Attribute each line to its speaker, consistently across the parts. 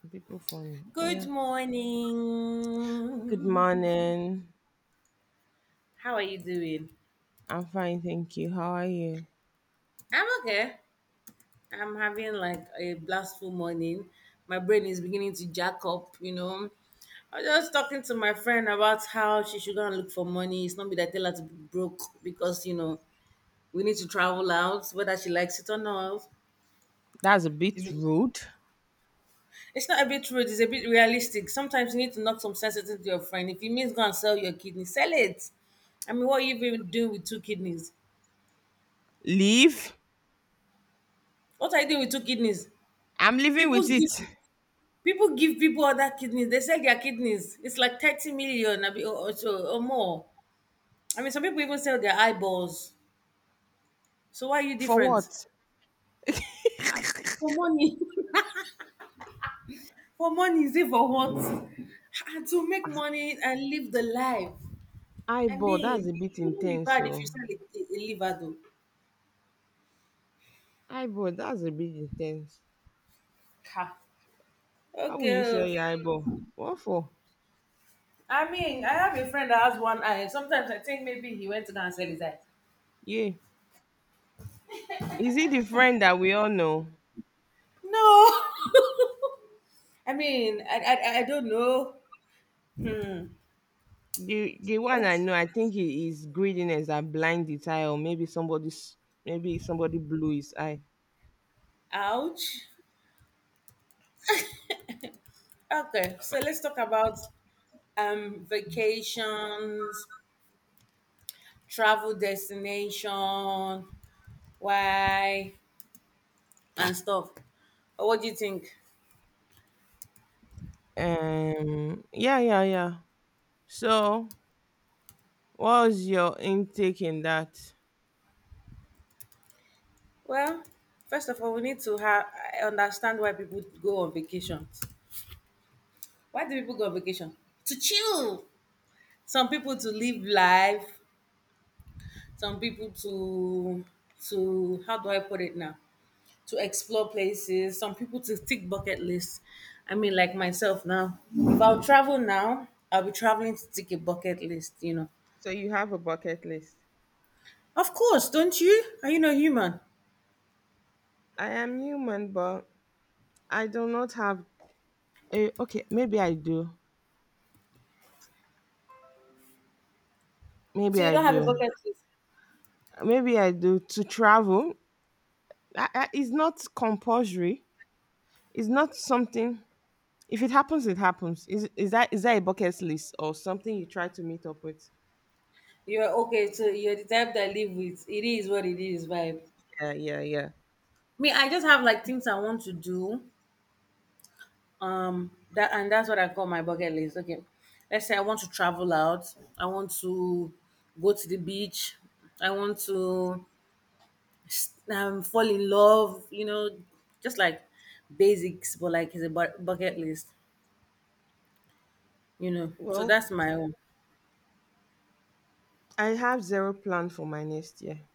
Speaker 1: Some people phone. Oh
Speaker 2: Good
Speaker 1: yeah.
Speaker 2: morning.
Speaker 1: Good morning.
Speaker 2: How are you doing?
Speaker 1: I'm fine, thank you. How are you?
Speaker 2: I'm okay. I'm having like a blissful morning. My brain is beginning to jack up. I was just talking to my friend about how she should go and look for money. It's not me that tell her to be broke because, we need to travel out, whether she likes it or not.
Speaker 1: That's a
Speaker 2: You
Speaker 1: bit
Speaker 2: know,
Speaker 1: rude.
Speaker 2: it's not a bit rude, it's a bit realistic. Sometimes you need to knock some sense into your friend. If it means go and sell your kidney, sell it. I mean, what are you even doing with two kidneys?
Speaker 1: Leave.
Speaker 2: What are you doing with two kidneys?
Speaker 1: I'm living
Speaker 2: People
Speaker 1: with it.
Speaker 2: give people give people other kidneys. They sell their kidneys. It's like 30 million abi, or so or more. I mean, some people even sell their eyeballs. So why are you
Speaker 1: For
Speaker 2: different?
Speaker 1: what?
Speaker 2: For money, for money is it for what? And to make money and live the life. I
Speaker 1: Eyeball.
Speaker 2: mean,
Speaker 1: That's a bit
Speaker 2: it wouldn't be
Speaker 1: intense.
Speaker 2: bad if you sell a liver though.
Speaker 1: Eyeball. That's a bit intense.
Speaker 2: Ha.
Speaker 1: How will
Speaker 2: Okay.
Speaker 1: you sell
Speaker 2: Oh.
Speaker 1: your eyeball? What for?
Speaker 2: I mean, I have a friend that has one eye. Sometimes I think maybe he went to go and sell his eye.
Speaker 1: Yeah. Is it the friend that we all know?
Speaker 2: No. I mean, I don't know.
Speaker 1: The one
Speaker 2: What?
Speaker 1: I know, I think it is greediness that blind the eye, or maybe somebody blew his eye.
Speaker 2: Ouch. Okay, so let's talk about vacations, travel destination, why and stuff. What do you think?
Speaker 1: Yeah, yeah, yeah. So what's your intake in that?
Speaker 2: Well, first of all, we need to have understand why people go on vacations. Why do people go on vacation? To chill. Some people to live life. Some people to how do I put it now? To explore places, some people to tick bucket lists. I mean, like myself now, if I'll travel now, I'll be traveling to tick a bucket list.
Speaker 1: So you have a bucket list.
Speaker 2: Of course, don't you? Are you not human?
Speaker 1: I am human, but I do not have. Okay, maybe I do.
Speaker 2: So
Speaker 1: Maybe
Speaker 2: you
Speaker 1: I
Speaker 2: don't have a
Speaker 1: do.
Speaker 2: bucket list.
Speaker 1: Maybe I do to travel. It's not compulsory. It's not something. If it happens, it happens. Is that a bucket list or something you try to meet up with?
Speaker 2: You're okay, so you're the type that live with it is what it is vibe.
Speaker 1: Yeah, yeah, yeah.
Speaker 2: Me, I just have like things I want to do. That's what I call my bucket list. Okay. Let's say I want to travel out. I want to go to the beach. I want to fall in love, just like basics, but like it's a bucket list. So
Speaker 1: Well,
Speaker 2: that's my own.
Speaker 1: I have zero plan for my next year.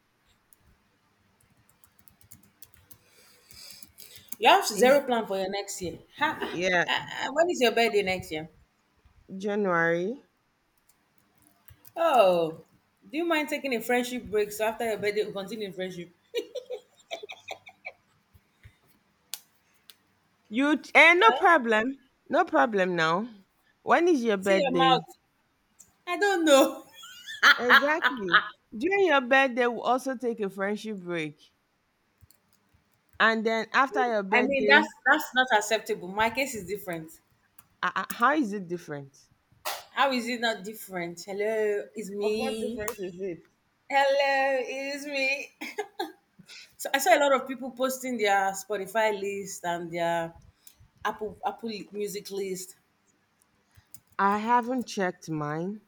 Speaker 2: You have zero
Speaker 1: It-
Speaker 2: plan for your next year. Ha!
Speaker 1: yeah,
Speaker 2: When is your birthday next year?
Speaker 1: January.
Speaker 2: Oh, do you mind taking a friendship break so after your birthday we continue in friendship?
Speaker 1: No
Speaker 2: Huh?
Speaker 1: problem. No problem now. When is your
Speaker 2: See your
Speaker 1: birthday?
Speaker 2: mouth. I don't know.
Speaker 1: Exactly. During your birthday, we'll also take a friendship break. And then after your
Speaker 2: I mean
Speaker 1: birthday,
Speaker 2: that's not acceptable. My case is different.
Speaker 1: how is it different?
Speaker 2: How is it not different? Hello, it's
Speaker 1: Of what
Speaker 2: me.
Speaker 1: difference is it?
Speaker 2: Hello, it's me. So I saw a lot of people posting their Spotify list and their Apple Music list.
Speaker 1: I haven't checked mine.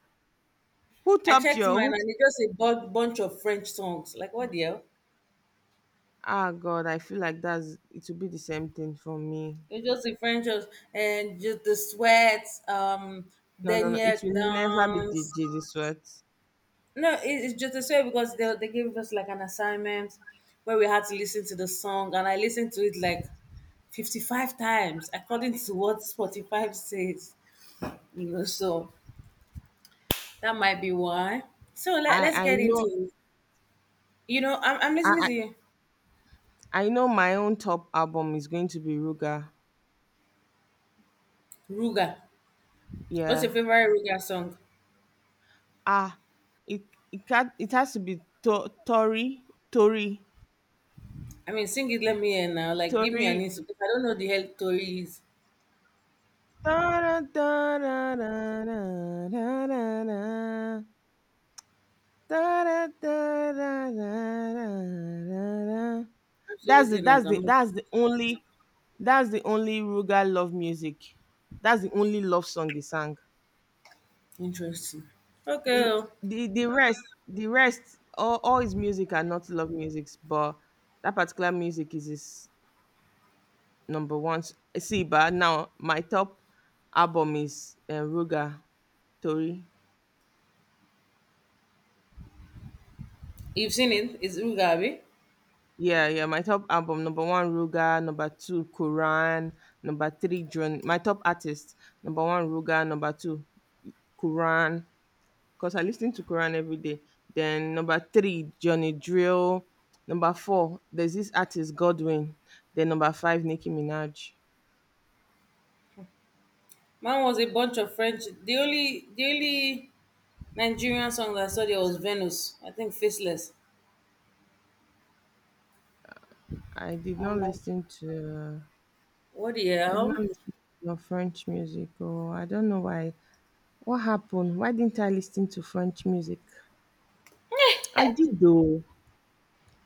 Speaker 1: Who
Speaker 2: I
Speaker 1: topped
Speaker 2: checked
Speaker 1: your
Speaker 2: mine
Speaker 1: who?
Speaker 2: and it's just a bunch of French songs. Like what the hell?
Speaker 1: Ah, God, I feel like that's it will be the same thing for me.
Speaker 2: It's just the French songs and just the sweat,
Speaker 1: No, no, no.
Speaker 2: Daniel
Speaker 1: It will never be
Speaker 2: Dance.
Speaker 1: DJ this what.
Speaker 2: No, it's just a sweat because they gave us like an assignment where we had to listen to the song and I listened to it like 55 times according to what Spotify says. So that might be why. So let,
Speaker 1: I
Speaker 2: let's
Speaker 1: I
Speaker 2: get into
Speaker 1: know
Speaker 2: it. I'm
Speaker 1: I
Speaker 2: listening
Speaker 1: I
Speaker 2: to you.
Speaker 1: I know my own top album is going to be Ruga.
Speaker 2: Ruga. What's your
Speaker 1: Yeah.
Speaker 2: favorite Ruga song?
Speaker 1: Ah, it it has to be to, Tory
Speaker 2: I mean, sing it, let me hear now. Like, give me an
Speaker 1: Tory.
Speaker 2: insult, because I don't know the hell story is.
Speaker 1: Da, da, da, da, da, da, da, da. Da, da, da, da, da, da, da, da. That's the
Speaker 2: Absolutely not.
Speaker 1: that's the
Speaker 2: I'm not
Speaker 1: that's the only Ruga love music. That's the only love song he sang.
Speaker 2: interested. Okay.
Speaker 1: The
Speaker 2: Oh.
Speaker 1: the, the rest the rest, all his music are not love musics, but that particular music is his number one. See, but now my top album is Ruga Tori.
Speaker 2: You've seen it. It's Ruga, Abi.
Speaker 1: Yeah, yeah. My top album number one Ruga, number two Quran, number three Drone. My top artist number one Ruga, number two Quran. Cause I listen to Quran every day. Then number three Johnny Drill. Number four there's this artist Godwin. Then number five Nicki Minaj.
Speaker 2: Mine was a bunch of French. The only Nigerian song that I saw there was Venus. I think Faceless.
Speaker 1: I did not
Speaker 2: I'm like,
Speaker 1: listen to.
Speaker 2: what the
Speaker 1: I did not
Speaker 2: hell?
Speaker 1: listen to your French music. Oh, I don't know why. What happened? Why didn't I listen to French music? I did though.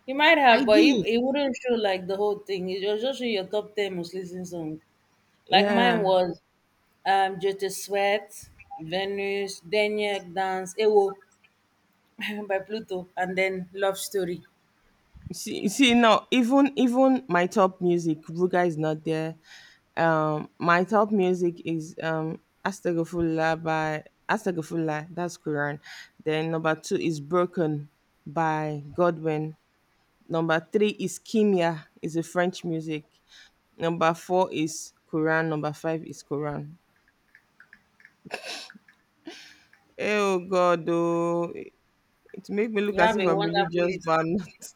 Speaker 2: He might
Speaker 1: I
Speaker 2: have, but he,
Speaker 1: did.
Speaker 2: he wouldn't show like the whole thing. It was just show your top 10 most listened song. Like mine
Speaker 1: Yeah.
Speaker 2: was Just a Sweat, Venus, Daniel Dance, Ewo by Pluto, and then Love Story.
Speaker 1: You see, no, even my top music, Ruga is not there. My top music is Astagfirullah by Astagfirullah. That's Quran. Then number two is Broken by Godwin. Number three is Kimia. Is a French music. Number four is Quran. Number five is Quran. Oh God, it make me
Speaker 2: You
Speaker 1: look as
Speaker 2: have
Speaker 1: if
Speaker 2: a
Speaker 1: I'm
Speaker 2: wonderful
Speaker 1: religious,
Speaker 2: list.
Speaker 1: but I'm not.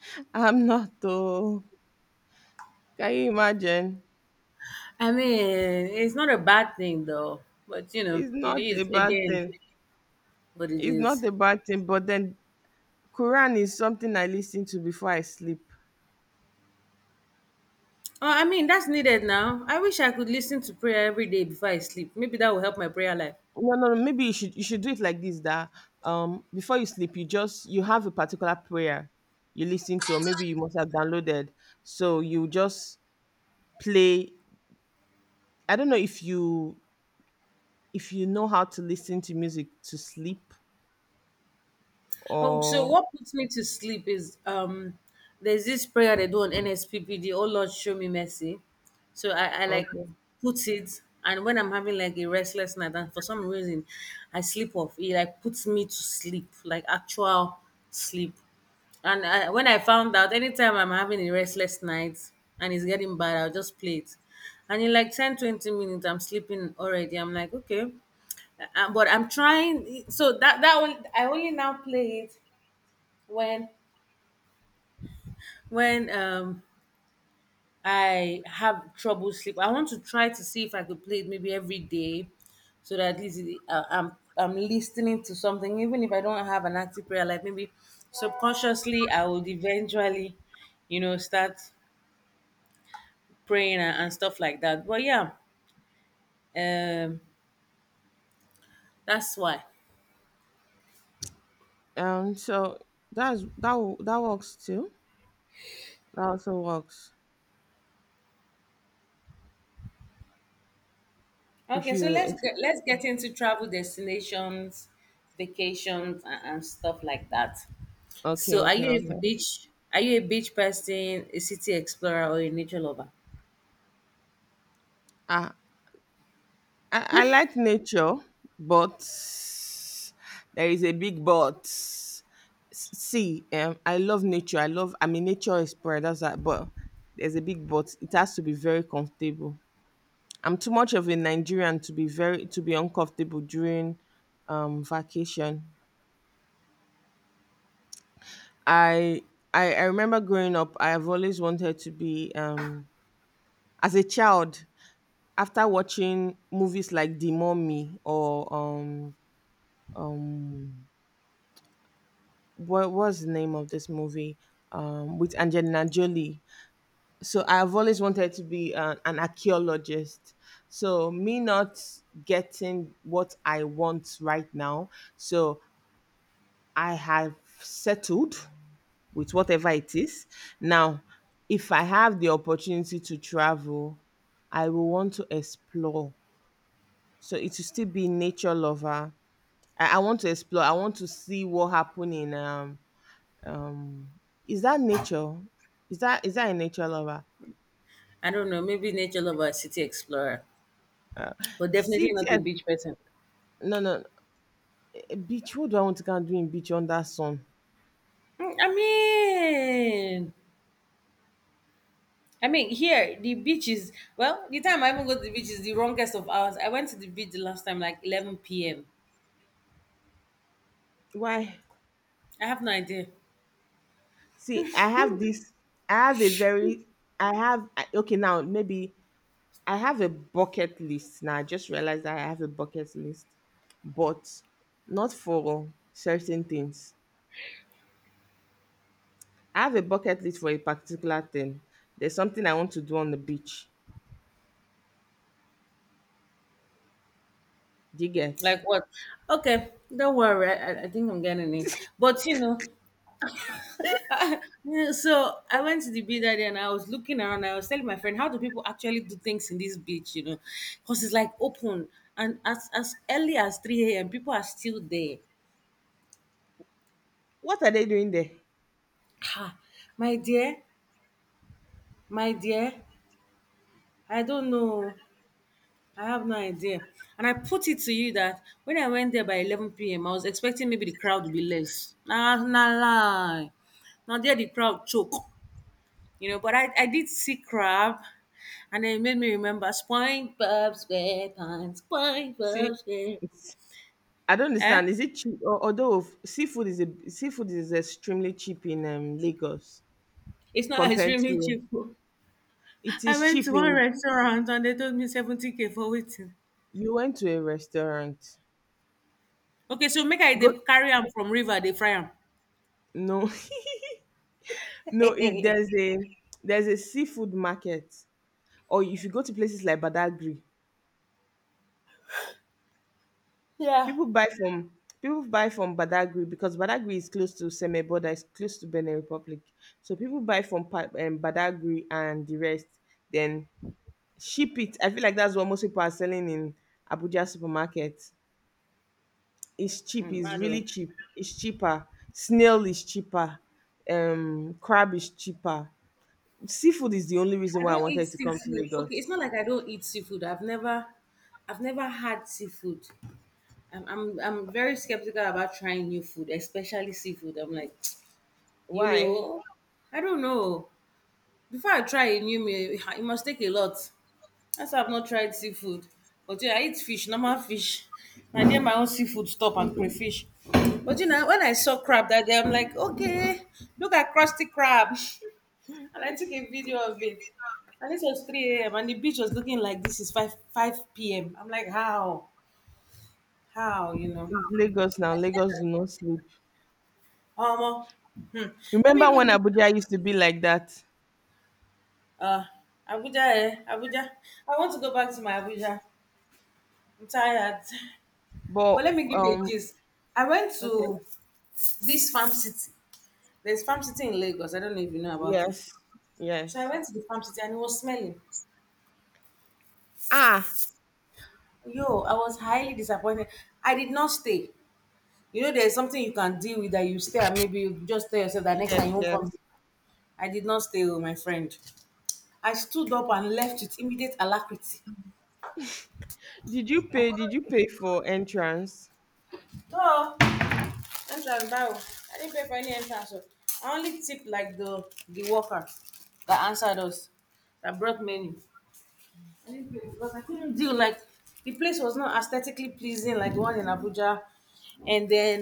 Speaker 1: I'm not. Oh, can you imagine?
Speaker 2: I mean, it's not a bad thing though, but
Speaker 1: It's
Speaker 2: it
Speaker 1: not a
Speaker 2: is
Speaker 1: bad
Speaker 2: again
Speaker 1: thing.
Speaker 2: what it
Speaker 1: It's
Speaker 2: is.
Speaker 1: not a bad thing. But then Quran is something I listen to before I sleep.
Speaker 2: Oh, I mean, that's needed now. I wish I could listen to prayer every day before I sleep. Maybe that will help my prayer life.
Speaker 1: No, no, no. Maybe you should do it like this. That, before you sleep, you have a particular prayer you listen to, or maybe you must have downloaded. So you just play. I don't know if you know how to listen to music to sleep
Speaker 2: Oh, so
Speaker 1: or
Speaker 2: what puts me to sleep is there's this prayer they do on NSPPD, oh Lord, show me mercy. So I like
Speaker 1: okay.
Speaker 2: put it and when I'm having like a restless night and for some reason I sleep off, it like puts me to sleep, like actual sleep. And I, when I found out, anytime I'm having a restless night and it's getting bad, I'll just play it. And in like 10-20 minutes, I'm sleeping already. I'm like, okay, but I'm trying. So that one, I only now play it when when I have trouble sleep. I want to try to see if I could play it maybe every day, so that at least I'm listening to something, even if I don't have an active prayer. Like maybe subconsciously, I would eventually, start praying and stuff like that. But yeah, um, that's why.
Speaker 1: So that works too. That also works.
Speaker 2: Okay, so let's
Speaker 1: If you-
Speaker 2: get, let's get into travel destinations, vacations, and stuff like that.
Speaker 1: okay,
Speaker 2: So, are
Speaker 1: okay,
Speaker 2: you a
Speaker 1: okay.
Speaker 2: beach? Are you a beach person, a city explorer, or a nature lover?
Speaker 1: Ah, I like nature, but there is a big but. See, I love nature. I love. I mean, nature is prayer. That. But there's a big but. It has to be very comfortable. I'm too much of a Nigerian to be very to be uncomfortable during vacation. I I remember growing up, I have always wanted to be, as a child, after watching movies like The Mummy or um what was the name of this movie, with Angelina Jolie. So I've always wanted to be an archaeologist. So me not getting what I want right now, so I have settled with whatever it is. Now, if I have the opportunity to travel, I will want to explore. So it will still be nature lover. I want to explore. I want to see what happened in, um is that nature? Is that a nature lover?
Speaker 2: I don't know. Maybe nature lover, or city explorer,
Speaker 1: Uh,
Speaker 2: but definitely
Speaker 1: city
Speaker 2: not a
Speaker 1: ex-
Speaker 2: beach person.
Speaker 1: no, no, no. Beach. What do I want to go and do in beach under sun?
Speaker 2: Mm, I mean, I mean, here the beach is well. The time I even go to the beach is the wrongest of hours. I went to the beach the last time like 11 p.m.
Speaker 1: Why?
Speaker 2: I have no idea.
Speaker 1: See, I have this. I have a very. Okay now. Maybe I have a bucket list now. I just realized that I have a bucket list, but not for certain things. I have a bucket list for a particular thing. There's something I want to do on the beach. Do you get?
Speaker 2: Like what? Okay, don't worry. I think I'm getting it. But so I went to the beach that day and I was looking around. I was telling my friend, how do people actually do things in this beach? Because it's like open and as early as 3 a.m. people are still there.
Speaker 1: What are they doing there?
Speaker 2: Ha, my dear, my dear, I don't know. I have no idea. And I put it to you that when I went there by 11 p.m., I was expecting maybe the crowd would be less. Nah, nah, lie. Now there the crowd choke. But I did see crab, and then it made me remember SpongeBob SquarePants,
Speaker 1: See,
Speaker 2: SpongeBob SquarePants.
Speaker 1: it's, I don't understand.
Speaker 2: Eh?
Speaker 1: Is it cheap? Although seafood is extremely cheap in, Lagos,
Speaker 2: It's not
Speaker 1: compared
Speaker 2: extremely
Speaker 1: to
Speaker 2: cheap. Oh.
Speaker 1: it
Speaker 2: I
Speaker 1: is
Speaker 2: went to
Speaker 1: cheap
Speaker 2: one
Speaker 1: in.
Speaker 2: restaurant and they told me 70K for waiting.
Speaker 1: You went to a restaurant.
Speaker 2: Okay, so make I they
Speaker 1: Go
Speaker 2: carry them from river, they fry them.
Speaker 1: no. No, if there's a there's a seafood market, or if you go to places like Badagry,
Speaker 2: Yeah.
Speaker 1: people buy from people buy from Badagry, because Badagry is close to Seme border, it's close to Benin Republic. So people buy from Badagry and the rest, then ship it. I feel like that's what most people are selling in Abuja supermarkets. It's cheap. It's
Speaker 2: I
Speaker 1: really
Speaker 2: don't.
Speaker 1: cheap. It's cheaper. Snail is cheaper. Crab is cheaper. Seafood is the only reason
Speaker 2: I
Speaker 1: why I
Speaker 2: don't eat
Speaker 1: wanted to come to
Speaker 2: seafood. Okay, it's
Speaker 1: Lagos.
Speaker 2: not like I don't eat seafood. I've never had seafood. I'm very skeptical about trying new food, especially seafood. I'm like, You
Speaker 1: Why?
Speaker 2: know, I don't know. Before I try a new meal, it must take a lot. That's why I've not tried seafood. But yeah, I eat fish, normal fish. I then my own seafood stop and crayfish. But when I saw crab that day, I'm like, okay, look at crusty crab. And I took a video of it. And this was 3 a.m. and the beach was looking like this is 5 p.m. I'm like, how? How, you know?
Speaker 1: It's Lagos now. Lagos do not sleep.
Speaker 2: Um, hmm. Let me
Speaker 1: Remember
Speaker 2: even
Speaker 1: when
Speaker 2: give
Speaker 1: Abuja used to be like that?
Speaker 2: Uh, Abuja, eh? Abuja. I want to go back to my Abuja. I'm tired. But
Speaker 1: But
Speaker 2: let me give you a
Speaker 1: um,
Speaker 2: gist. I went
Speaker 1: okay,
Speaker 2: to this farm city. There's farm city in Lagos. I don't know if you know about it.
Speaker 1: yes,
Speaker 2: So I
Speaker 1: yes,
Speaker 2: went to the farm city and it was smelling.
Speaker 1: ah,
Speaker 2: Yo, I was highly disappointed. I did not stay. There's something you can deal with that you stay and maybe you just tell yourself that next time
Speaker 1: yes,
Speaker 2: you won't
Speaker 1: yes.
Speaker 2: come. I did not stay with my friend. I stood up and left with immediate alacrity.
Speaker 1: Did you pay? Did you pay for entrance?
Speaker 2: Duh. Entrance bio. I didn't pay for any entrance. Oh. I only tip like the worker that answered us, that brought menu. I didn't pay because I couldn't deal. Like the place was not aesthetically pleasing, like the one in Abuja, and then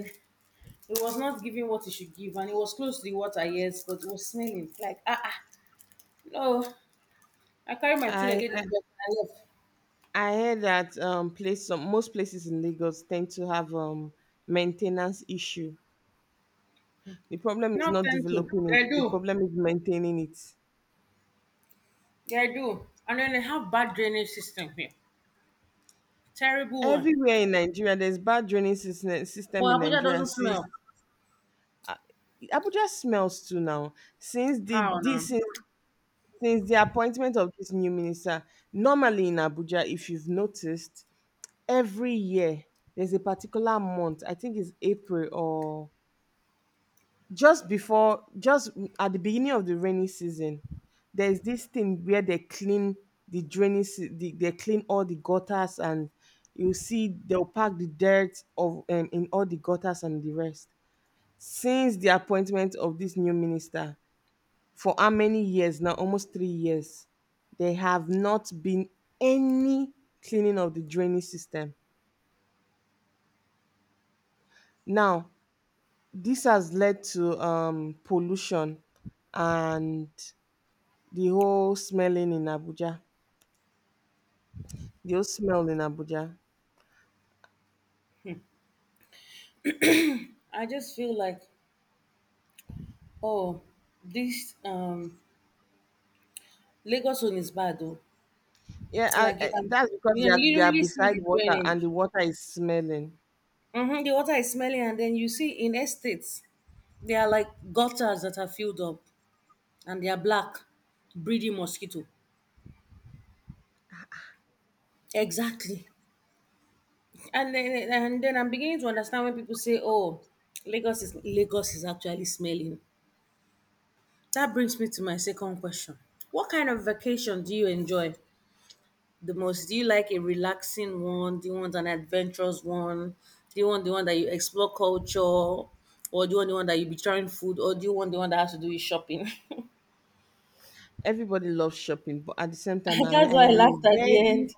Speaker 2: it was not giving what it should give, and it was close to the water, yes, but it was smelling like ah. No, I carry my trailer,
Speaker 1: I
Speaker 2: get this
Speaker 1: I,
Speaker 2: back and I left.
Speaker 1: I heard that, place some most places in Lagos tend to have maintenance issue. The problem is
Speaker 2: No
Speaker 1: not
Speaker 2: time to.
Speaker 1: developing it.
Speaker 2: They
Speaker 1: The
Speaker 2: do,
Speaker 1: problem is maintaining it.
Speaker 2: they do, and then they have bad drainage system here, terrible one.
Speaker 1: Everywhere in Nigeria, there's bad draining system
Speaker 2: But
Speaker 1: system in
Speaker 2: Abuja
Speaker 1: Nigeria
Speaker 2: doesn't
Speaker 1: since
Speaker 2: smell.
Speaker 1: Abuja smells too now. Since the
Speaker 2: How
Speaker 1: this
Speaker 2: now?
Speaker 1: since, since the appointment of this new minister, normally in Abuja, if you've noticed, every year there's a particular month. I think it's April, or just before, just at the beginning of the rainy season. There's this thing where they clean they clean all the gutters, and you see they'll pack the dirt of in all the gutters and the rest. Since the appointment of this new minister, for how many years now, almost 3 years, there have not been any cleaning of the drainage system. Now, this has led to, pollution and the whole smelling in Abuja. The whole smell in Abuja.
Speaker 2: I just feel like, oh, this Lagos one is bad though.
Speaker 1: Yeah,
Speaker 2: Like you can
Speaker 1: that's because
Speaker 2: you
Speaker 1: they
Speaker 2: can
Speaker 1: are, they are
Speaker 2: literally
Speaker 1: beside
Speaker 2: see the
Speaker 1: water and
Speaker 2: drainage.
Speaker 1: the water is smelling.
Speaker 2: The water is smelly, and then you see in estates they are like gutters that are filled up, and they are black, breeding mosquito. Exactly. And then I'm beginning to understand when people say, oh, Lagos is actually smelling. That brings me to my second question. What kind of vacation do you enjoy the most? Do you like a relaxing one? Do you want an adventurous one? Do you want the one that you explore culture? Or do you want the one that you be trying food? Or do you want the one that has to do with shopping?
Speaker 1: Everybody loves shopping, but at the same time,
Speaker 2: That's why I laughed at the end.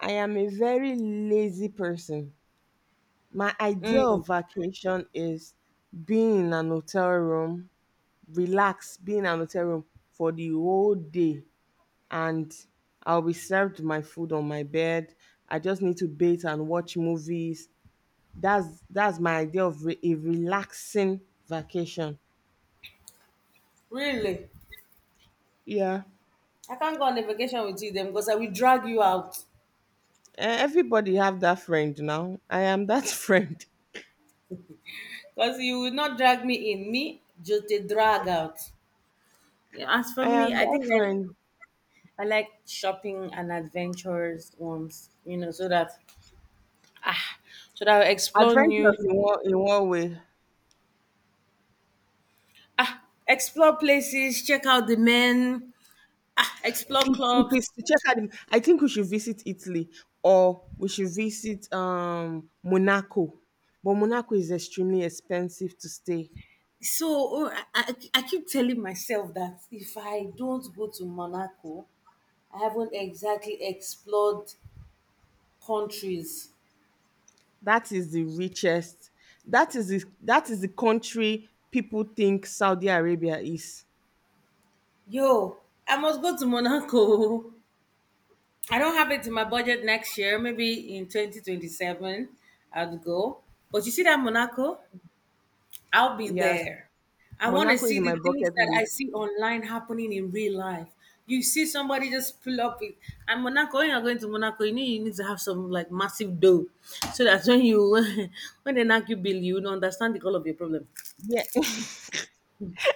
Speaker 1: I am a very lazy person. My idea
Speaker 2: Mm.
Speaker 1: of vacation is being in an hotel room, relax, being in an hotel room for the whole day, and I'll be served my food on my bed. I just need to bathe and watch movies. That's my idea of a relaxing vacation.
Speaker 2: Really?
Speaker 1: Yeah,
Speaker 2: I can't go on a vacation with you then because I will drag you out.
Speaker 1: Everybody have that friend now. I am that friend.
Speaker 2: Because you will not drag me in. Me, just a drag out. Yeah, as for
Speaker 1: I
Speaker 2: me,
Speaker 1: am that friend.
Speaker 2: I like shopping and adventures ones, you know, so that ah, so that I explore new
Speaker 1: Adventurous in one way.
Speaker 2: explore places, check out the men, explore
Speaker 1: If
Speaker 2: clubs.
Speaker 1: it's to check out, I think we should visit Italy, or we should visit, Monaco, but Monaco is extremely expensive to stay.
Speaker 2: So oh, I keep telling myself that if I don't go to Monaco, I haven't exactly explored countries.
Speaker 1: That is the richest. That is the country people think Saudi Arabia is.
Speaker 2: Yo, I must go to Monaco. I don't have it in my budget next year. Maybe in 2027, I'd go. But you see that Monaco? I'll be
Speaker 1: Yes,
Speaker 2: there. I want to
Speaker 1: Monaco
Speaker 2: see
Speaker 1: is
Speaker 2: the
Speaker 1: my
Speaker 2: things
Speaker 1: bucket
Speaker 2: that I
Speaker 1: list.
Speaker 2: see online happening in real life. You see somebody just pull up with and Monaco, when you're going to Monaco, you know you need to have some like massive dough. So that when you when they knock you bill, you will understand the call of your problem.
Speaker 1: Yeah.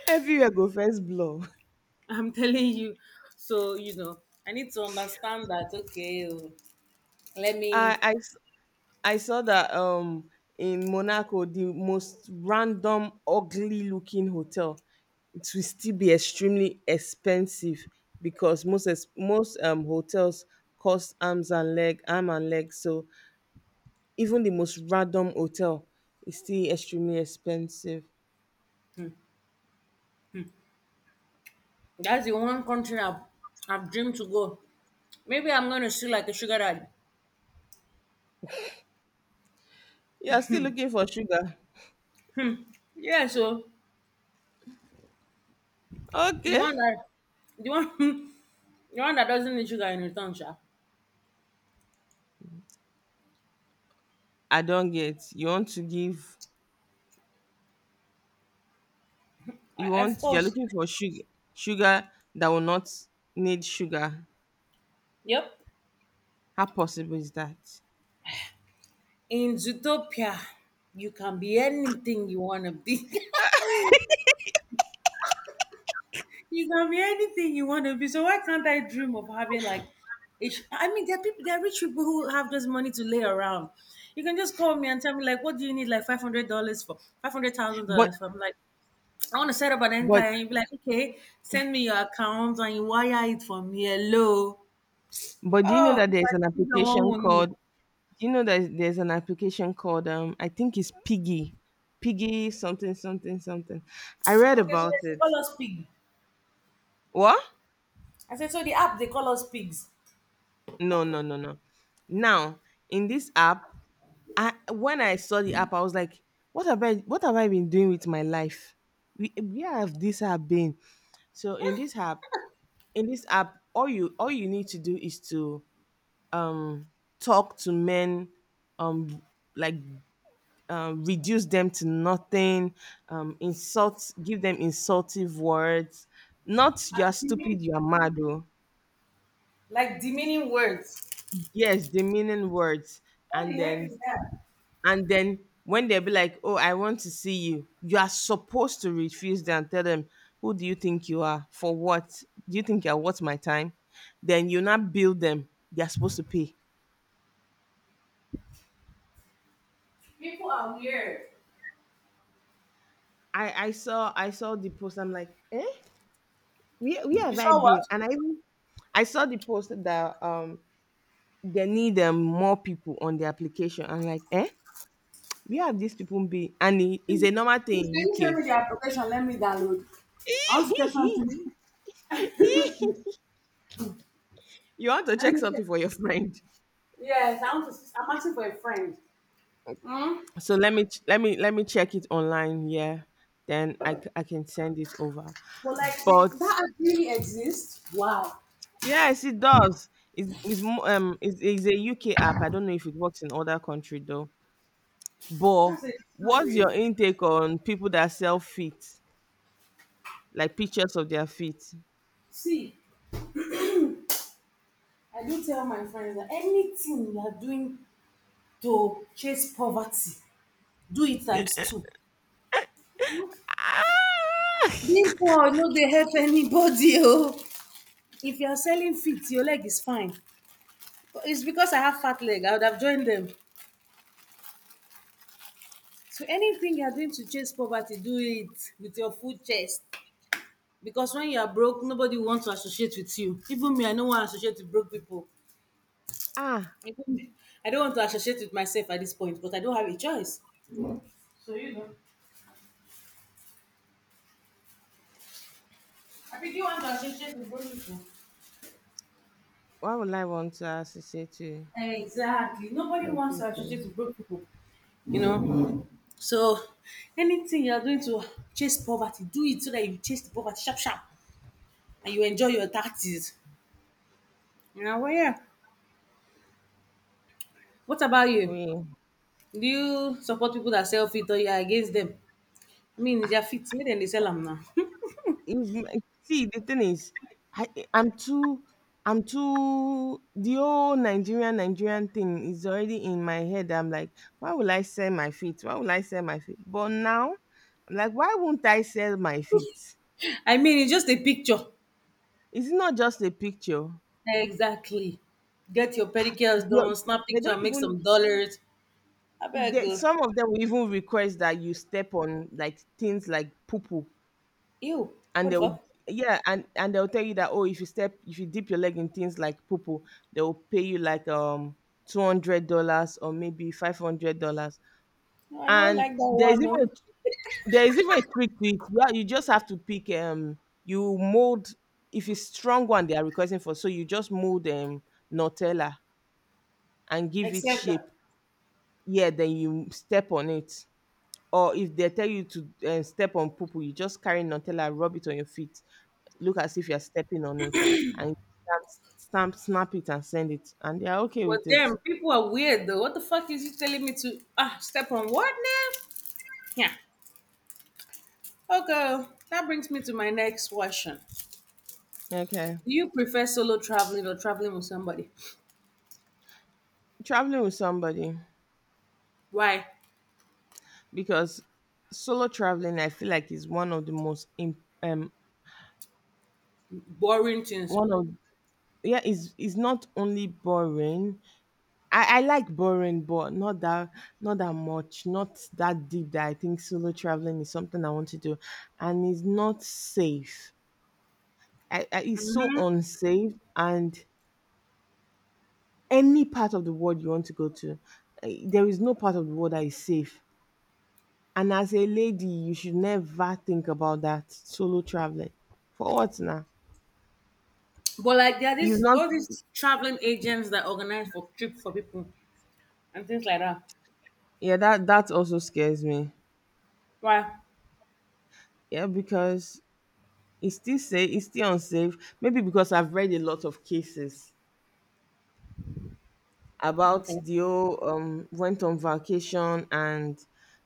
Speaker 1: Everywhere go first blow.
Speaker 2: I'm telling you. So, you know, I need to understand that okay, oh, let
Speaker 1: I.
Speaker 2: me
Speaker 1: I I saw that, in Monaco, the most random, ugly looking hotel, it will still be extremely expensive, because most hotels cost arms and leg, arm and leg. So even the most random hotel is still extremely expensive.
Speaker 2: That's the one country I've dreamed to go. Maybe I'm gonna see like a sugar daddy.
Speaker 1: You are still looking for sugar.
Speaker 2: Yeah, so the
Speaker 1: Okay.
Speaker 2: one that the one The one that doesn't need sugar in return, sha.
Speaker 1: I don't get. You want to give you
Speaker 2: Uh, Of
Speaker 1: want you're
Speaker 2: course.
Speaker 1: looking for sugar that will not need sugar.
Speaker 2: Yep.
Speaker 1: How possible is that?
Speaker 2: In Zootopia, you can be anything you want to be. You can be anything you want to be. So why can't I dream of having like, I mean, there are people, there are rich people who have just money to lay around. You can just call me and tell me like, what do you need like $500 for, five hundred thousand
Speaker 1: But
Speaker 2: dollars for? I'm like, I want to set up an
Speaker 1: but
Speaker 2: empire. And you'd be like, okay, send me your account and you wire it from me. Hello.
Speaker 1: but do you know
Speaker 2: Oh,
Speaker 1: that
Speaker 2: imagine
Speaker 1: there's an
Speaker 2: if no
Speaker 1: application
Speaker 2: one will know.
Speaker 1: called do you know that there's an application called I think it's Piggy? Piggy something something something. I read
Speaker 2: Okay, so
Speaker 1: about
Speaker 2: they
Speaker 1: it.
Speaker 2: call us pig.
Speaker 1: What?
Speaker 2: I said, so the app they call us pigs.
Speaker 1: No, no, no, no. Now, in this app, I when I saw the app, I was like, what have I been doing with my life? Where have this app been? So in this app, all you need to do is to, um talk to men, um like, reduce them to nothing, insult, give them insultive words, not you're
Speaker 2: Uh,
Speaker 1: stupid,
Speaker 2: demean,
Speaker 1: you're mad, oh.
Speaker 2: like demeaning words.
Speaker 1: Yes, demeaning words,
Speaker 2: What
Speaker 1: and
Speaker 2: the heck
Speaker 1: then
Speaker 2: is that?
Speaker 1: and then when they'll be like, oh, I want to see you, you are supposed to refuse them and tell them, who do you think you are? For what? Do you think you're worth my time? Then you not build them. They're supposed to pay.
Speaker 2: People are weird.
Speaker 1: I saw the post. I'm like, eh, where
Speaker 2: You
Speaker 1: have I
Speaker 2: saw what?
Speaker 1: been? And I saw the post that they need more people on the application. I'm like, eh, where have these people been? And it is
Speaker 2: Please,
Speaker 1: a normal
Speaker 2: please,
Speaker 1: thing in
Speaker 2: can you send
Speaker 1: UK.
Speaker 2: me the application? Let me download. I want to check something.
Speaker 1: You want to
Speaker 2: Let
Speaker 1: check
Speaker 2: me say,
Speaker 1: something for your friend,
Speaker 2: yes, I'm asking for a friend. Hmm?
Speaker 1: so let me ch- let me check it online. Yeah, then I can send it over.
Speaker 2: But like,
Speaker 1: But
Speaker 2: that app really exists? Wow.
Speaker 1: yes, it does. It's a UK app. I don't know if it works in other country though. But
Speaker 2: That's a It's
Speaker 1: what's
Speaker 2: real.
Speaker 1: your intake on people that sell feet, like pictures of their feet?
Speaker 2: See, I do tell my friends that anything you are doing to chase poverty, do it times two. Being poor no dey help anybody. Oh, if you are selling feet, your leg is fine. But it's because I have fat leg. I would have joined them. So anything you are doing to chase poverty, do it with your full chest. Because when you are broke, nobody wants to associate with you. Even me, I don't want to associate with broke people.
Speaker 1: Ah,
Speaker 2: Even me, I don't want to associate with myself at this point, but I don't have a choice. So you know, I think you want to associate with broke people.
Speaker 1: why would I want to associate to
Speaker 2: Exactly. Nobody
Speaker 1: poor
Speaker 2: wants to
Speaker 1: people?
Speaker 2: associate with broke people, you know. So anything you are doing to chase poverty, do it so that you chase the poverty sharp sharp and you enjoy your thirties. You know, well yeah. What about
Speaker 1: I
Speaker 2: you?
Speaker 1: mean,
Speaker 2: Do you support people that sell fit or you are against them? I mean, it's their
Speaker 1: ah,
Speaker 2: fit, make dem dey sell them now.
Speaker 1: it's, m- see, the thing is, I, I'm too, I'm too, the whole Nigerian thing is already in my head. I'm like, why will I sell my feet? Why will I sell my feet? But now, I'm like, why won't I sell my feet?
Speaker 2: I mean, it's just a picture.
Speaker 1: It's not just a picture.
Speaker 2: Exactly. Get your pedicures
Speaker 1: You're,
Speaker 2: done, snap
Speaker 1: they
Speaker 2: picture,
Speaker 1: don't
Speaker 2: make
Speaker 1: even,
Speaker 2: some dollars. I beg
Speaker 1: they,
Speaker 2: go.
Speaker 1: some of them will even request that you step on like things like poo poo
Speaker 2: Ew,
Speaker 1: and
Speaker 2: what the
Speaker 1: they'll
Speaker 2: fuck?
Speaker 1: yeah and they'll tell you that oh if you step if you dip your leg in things like poopoo they'll pay you like $200 or maybe $500.
Speaker 2: No, I know,
Speaker 1: And
Speaker 2: like that
Speaker 1: there's
Speaker 2: one, no.
Speaker 1: there is even a trick to it. You you just have to pick you mold, if it's strong one they are requesting for, so you just mold Nutella and give it
Speaker 2: Except that.
Speaker 1: shape. Yeah, then you step on it, or if they tell you to step on poo poo, you just carry Nutella, rub it on your feet, look as if you're stepping on it, and stamp, stamp, snap it and send it, and they're okay
Speaker 2: But
Speaker 1: with it.
Speaker 2: then people are weird though. What the fuck is you telling me to step on what now? Yeah. Okay. That brings me to my next question.
Speaker 1: Okay,
Speaker 2: Do you prefer solo traveling or traveling with somebody?
Speaker 1: traveling with somebody,
Speaker 2: Why?
Speaker 1: because solo traveling, I feel like is one of the most im-
Speaker 2: Boring things.
Speaker 1: one of yeah is not only boring. I like boring, but not that not that deep. That I think solo traveling is something I want to do, and it's not safe. It's so unsafe. And any part of the world you want to go to, eh, there is no part of the world that is safe. And as a lady you should never think about that solo traveling. For what now?
Speaker 2: But like there are
Speaker 1: You
Speaker 2: this
Speaker 1: not.
Speaker 2: all these traveling agents that organize for trips for people and things like that.
Speaker 1: Yeah, that that also scares me.
Speaker 2: Why?
Speaker 1: Yeah, because it's still safe, it's still unsafe, maybe because I've read a lot of cases about
Speaker 2: Okay.
Speaker 1: the whole went on vacation and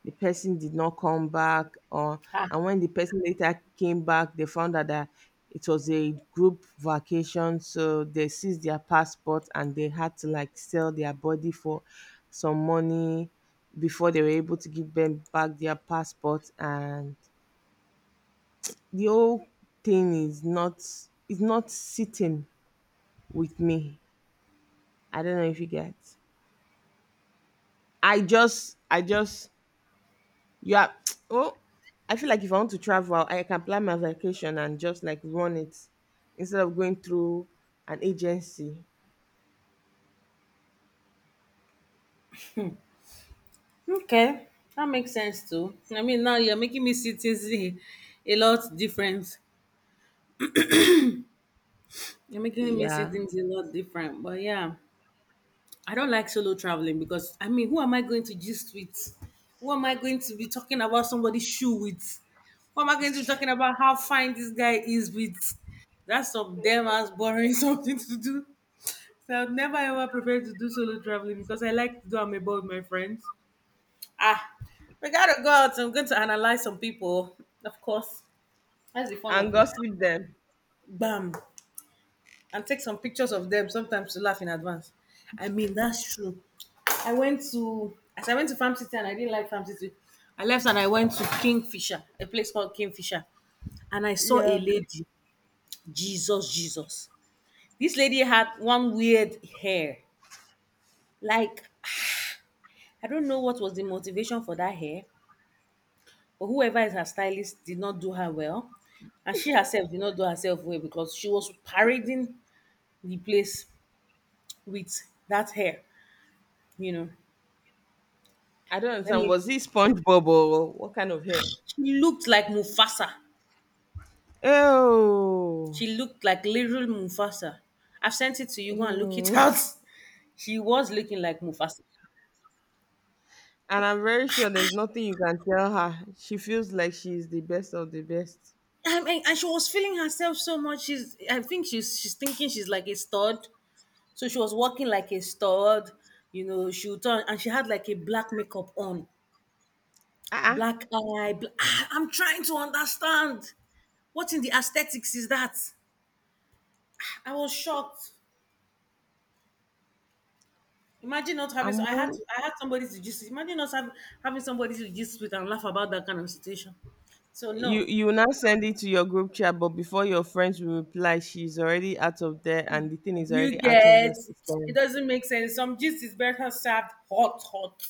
Speaker 1: the person did not come back. Or
Speaker 2: Ah.
Speaker 1: and when the person later came back they found out that it was a group vacation, so they seized their passport and they had to like sell their body for some money before they were able to give them back their passport. And the whole thing is not, is not sitting with me. I don't know if you get. I just You are oh, I feel like if I want to travel, I can plan my vacation and just like run it instead of going through an agency.
Speaker 2: Okay. That makes sense too. I mean now you're making me see things a lot different. You're making me see
Speaker 1: Yeah.
Speaker 2: things a lot different. But yeah. I don't like solo traveling because I mean, who am I going to gist with? Who am I going to be talking about somebody's shoe with? Who am I going to be talking about how fine this guy is with? That's some damn ass boring something to do. So I'd never ever prefer to do solo traveling because I like to do amebo with my friends. Ah, we gotta go out. I'm going to analyze some people, of course. That's the fun
Speaker 1: And
Speaker 2: of it.
Speaker 1: gossip them.
Speaker 2: Bam and take some pictures of them sometimes to laugh in advance. I mean, that's true. I went to Farm City and I didn't like Farm City. I left and I went to Kingfisher, a place called Kingfisher, and I saw a
Speaker 1: Yeah.
Speaker 2: lady. Jesus, Jesus! This lady had one weird hair. Like I don't know what was the motivation for that hair, but whoever is her stylist did not do her well, and she herself did not do herself well because she was parading the place with that hair. You know,
Speaker 1: I don't
Speaker 2: let
Speaker 1: understand.
Speaker 2: me.
Speaker 1: Was he SpongeBob or what kind of hair?
Speaker 2: She looked like Mufasa. She
Speaker 1: Oh.
Speaker 2: looked like literal Mufasa. I've sent it to you. Go and look it
Speaker 1: Oh.
Speaker 2: out. She was looking like Mufasa.
Speaker 1: And I'm very sure there's nothing you can tell her. She feels like she's the best of the best.
Speaker 2: I mean, and she was feeling herself so much. She's thinking she's like a stud. So she was walking like a stud. You know, she would turn and she had like a black makeup on,
Speaker 1: Uh-uh.
Speaker 2: black eye. Bla- I'm trying to understand what in the aesthetics is that. I was shocked. Imagine not having. So,
Speaker 1: I'm one.
Speaker 2: I had somebody to just imagine not having having somebody to just with and laugh about that kind of situation. So
Speaker 1: you
Speaker 2: no,
Speaker 1: you will now send it to your group chat, but before your friends will reply she's already out of there, and the thing is
Speaker 2: you
Speaker 1: already out of
Speaker 2: get
Speaker 1: your
Speaker 2: it
Speaker 1: system.
Speaker 2: doesn't make sense. Some gist is better served hot, hot.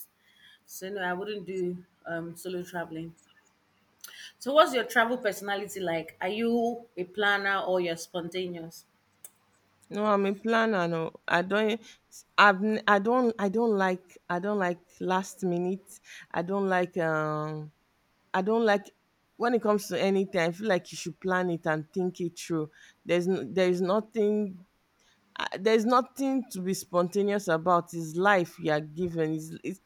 Speaker 2: So no, I wouldn't do solo traveling. So what's your travel personality like? Are you a planner or you're spontaneous?
Speaker 1: No, I'm a planner. No, I don't, I don't, I don't like, I don't like last minute. I don't like I don't like, when it comes to anything I feel like you should plan it and think it through. There's nothing there's nothing to be spontaneous about. It's life you are given.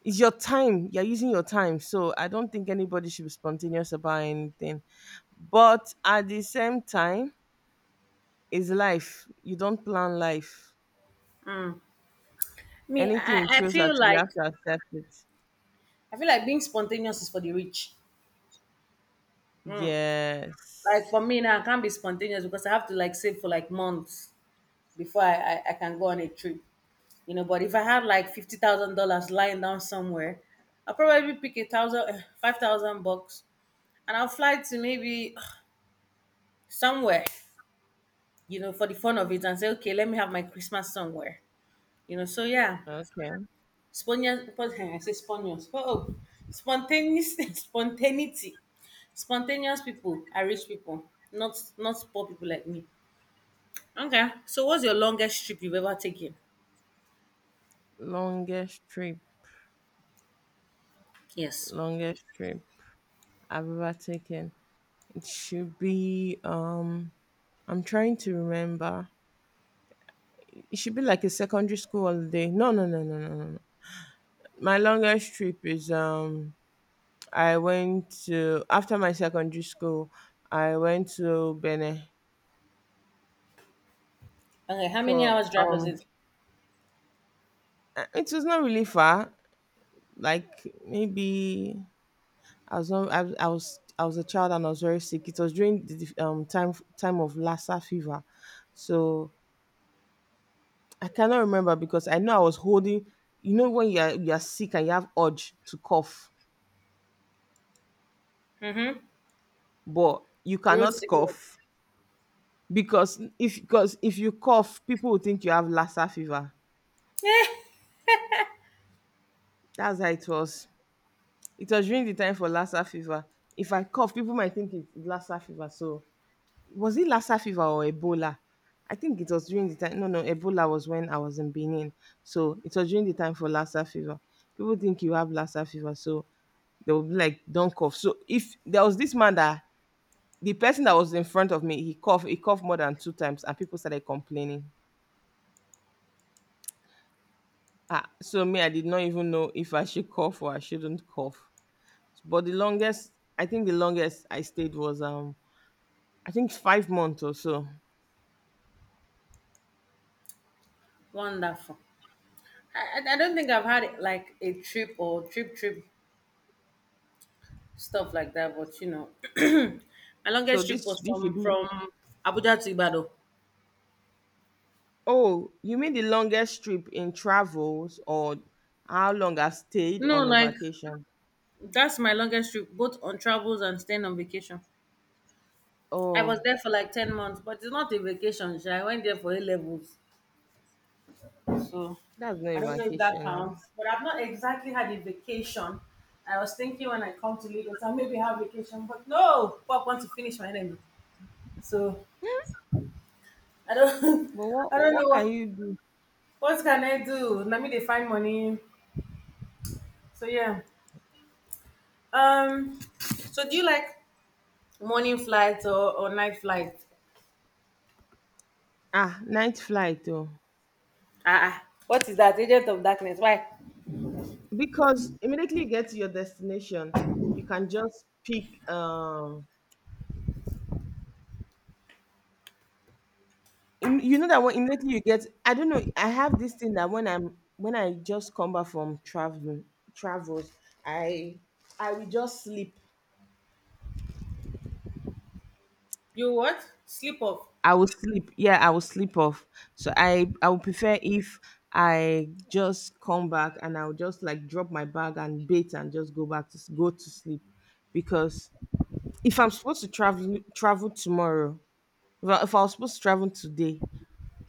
Speaker 1: It's your time. You're using your time. So I don't think anybody should be spontaneous about anything. But at the same time, it's life. You don't plan life.
Speaker 2: Me,
Speaker 1: Anything it throws at you, you have to accept it.
Speaker 2: I feel like being spontaneous is for the rich. Mm. Like for
Speaker 1: Yes.
Speaker 2: me now, I can't be spontaneous because I have to like save for like months before I can go on a trip. You know, but if I had like $50,000 lying down somewhere, I'll probably pick a thousand, eh, $5,000, and I'll fly to maybe somewhere, you know, for the fun of it, and say, okay, let me have my Christmas somewhere, you know. So yeah,
Speaker 1: Okay.
Speaker 2: spontaneous. I say spontaneous. Oh, oh. Spontaneous, spontaneity, spontaneous people are rich people, not poor people like me. Okay, so what's your longest trip you've ever taken?
Speaker 1: Longest trip.
Speaker 2: Yes.
Speaker 1: Longest trip I've ever taken. It should be I'm trying to remember. It should be like a secondary school holiday. No, no, no, no, no, no, no. My longest trip is I went to, after my secondary school, I went to Benin
Speaker 2: Okay, how many
Speaker 1: for
Speaker 2: hours drive was it?
Speaker 1: it was not really far. Like maybe I was not I, was- I was I was a child and I was very sick. It was during the time of Lassa fever. So I cannot remember because I know I was holding, you know when you're sick and you have urge to cough,
Speaker 2: Mm-hmm.
Speaker 1: but you
Speaker 2: Road
Speaker 1: cannot
Speaker 2: sickness.
Speaker 1: cough, because if you cough, people will think you have Lassa fever. That's how it was. It was during the time for Lassa fever. If I cough, people might think it's Lassa fever. So was it Lassa fever or Ebola? I think it was during the time. No, no, Ebola was when I was in Benin. So it was during the time for Lassa fever. People think you have Lassa fever, so they will be like, "Don't cough." So if there was this man that, the person that was in front of me, he coughed. He coughed more than two times, and people started complaining. Ah, so me, I did not even know if I should cough or I shouldn't cough. But the longest, I think the longest I stayed was I think 5 months or so.
Speaker 2: Wonderful. I don't think I've had like a trip or trip trip stuff like that, but you know, my
Speaker 1: So
Speaker 2: longest trip
Speaker 1: this
Speaker 2: was
Speaker 1: this should
Speaker 2: from
Speaker 1: be.
Speaker 2: from Abuja to Ibadan.
Speaker 1: Oh, you mean the longest trip in travels or how long I stayed
Speaker 2: No,
Speaker 1: on a
Speaker 2: like
Speaker 1: vacation?
Speaker 2: that's my longest trip, both on travels and staying on vacation. I was
Speaker 1: Oh,
Speaker 2: there for like 10 months, but it's not a vacation, sha. I went there for A levels, so
Speaker 1: that's not
Speaker 2: I
Speaker 1: a
Speaker 2: don't know if that
Speaker 1: vacation now.
Speaker 2: counts. But I've not exactly had a vacation. I was thinking when I come to Lagos, I maybe have vacation, but no, Bob wants to finish my enemy, so. I don't
Speaker 1: But
Speaker 2: I don't know
Speaker 1: what can you do?
Speaker 2: what can I do. Let me they find money. So yeah. Um so do you like morning flights or night flights?
Speaker 1: Ah, night flight though.
Speaker 2: Ah, ah. What is that? Agent of Darkness. Why?
Speaker 1: Because immediately you get to your destination, you can just pick you know that when immediately you get, I don't know, I have this thing that when I'm when I just come back from traveling travels, I I will just sleep.
Speaker 2: You what? Sleep off.
Speaker 1: I will sleep. Yeah, I will sleep off. So I would prefer if I just come back and I'll just like drop my bag and bait and just go back to go to sleep, because if I'm supposed to travel travel tomorrow, if I was supposed to travel today,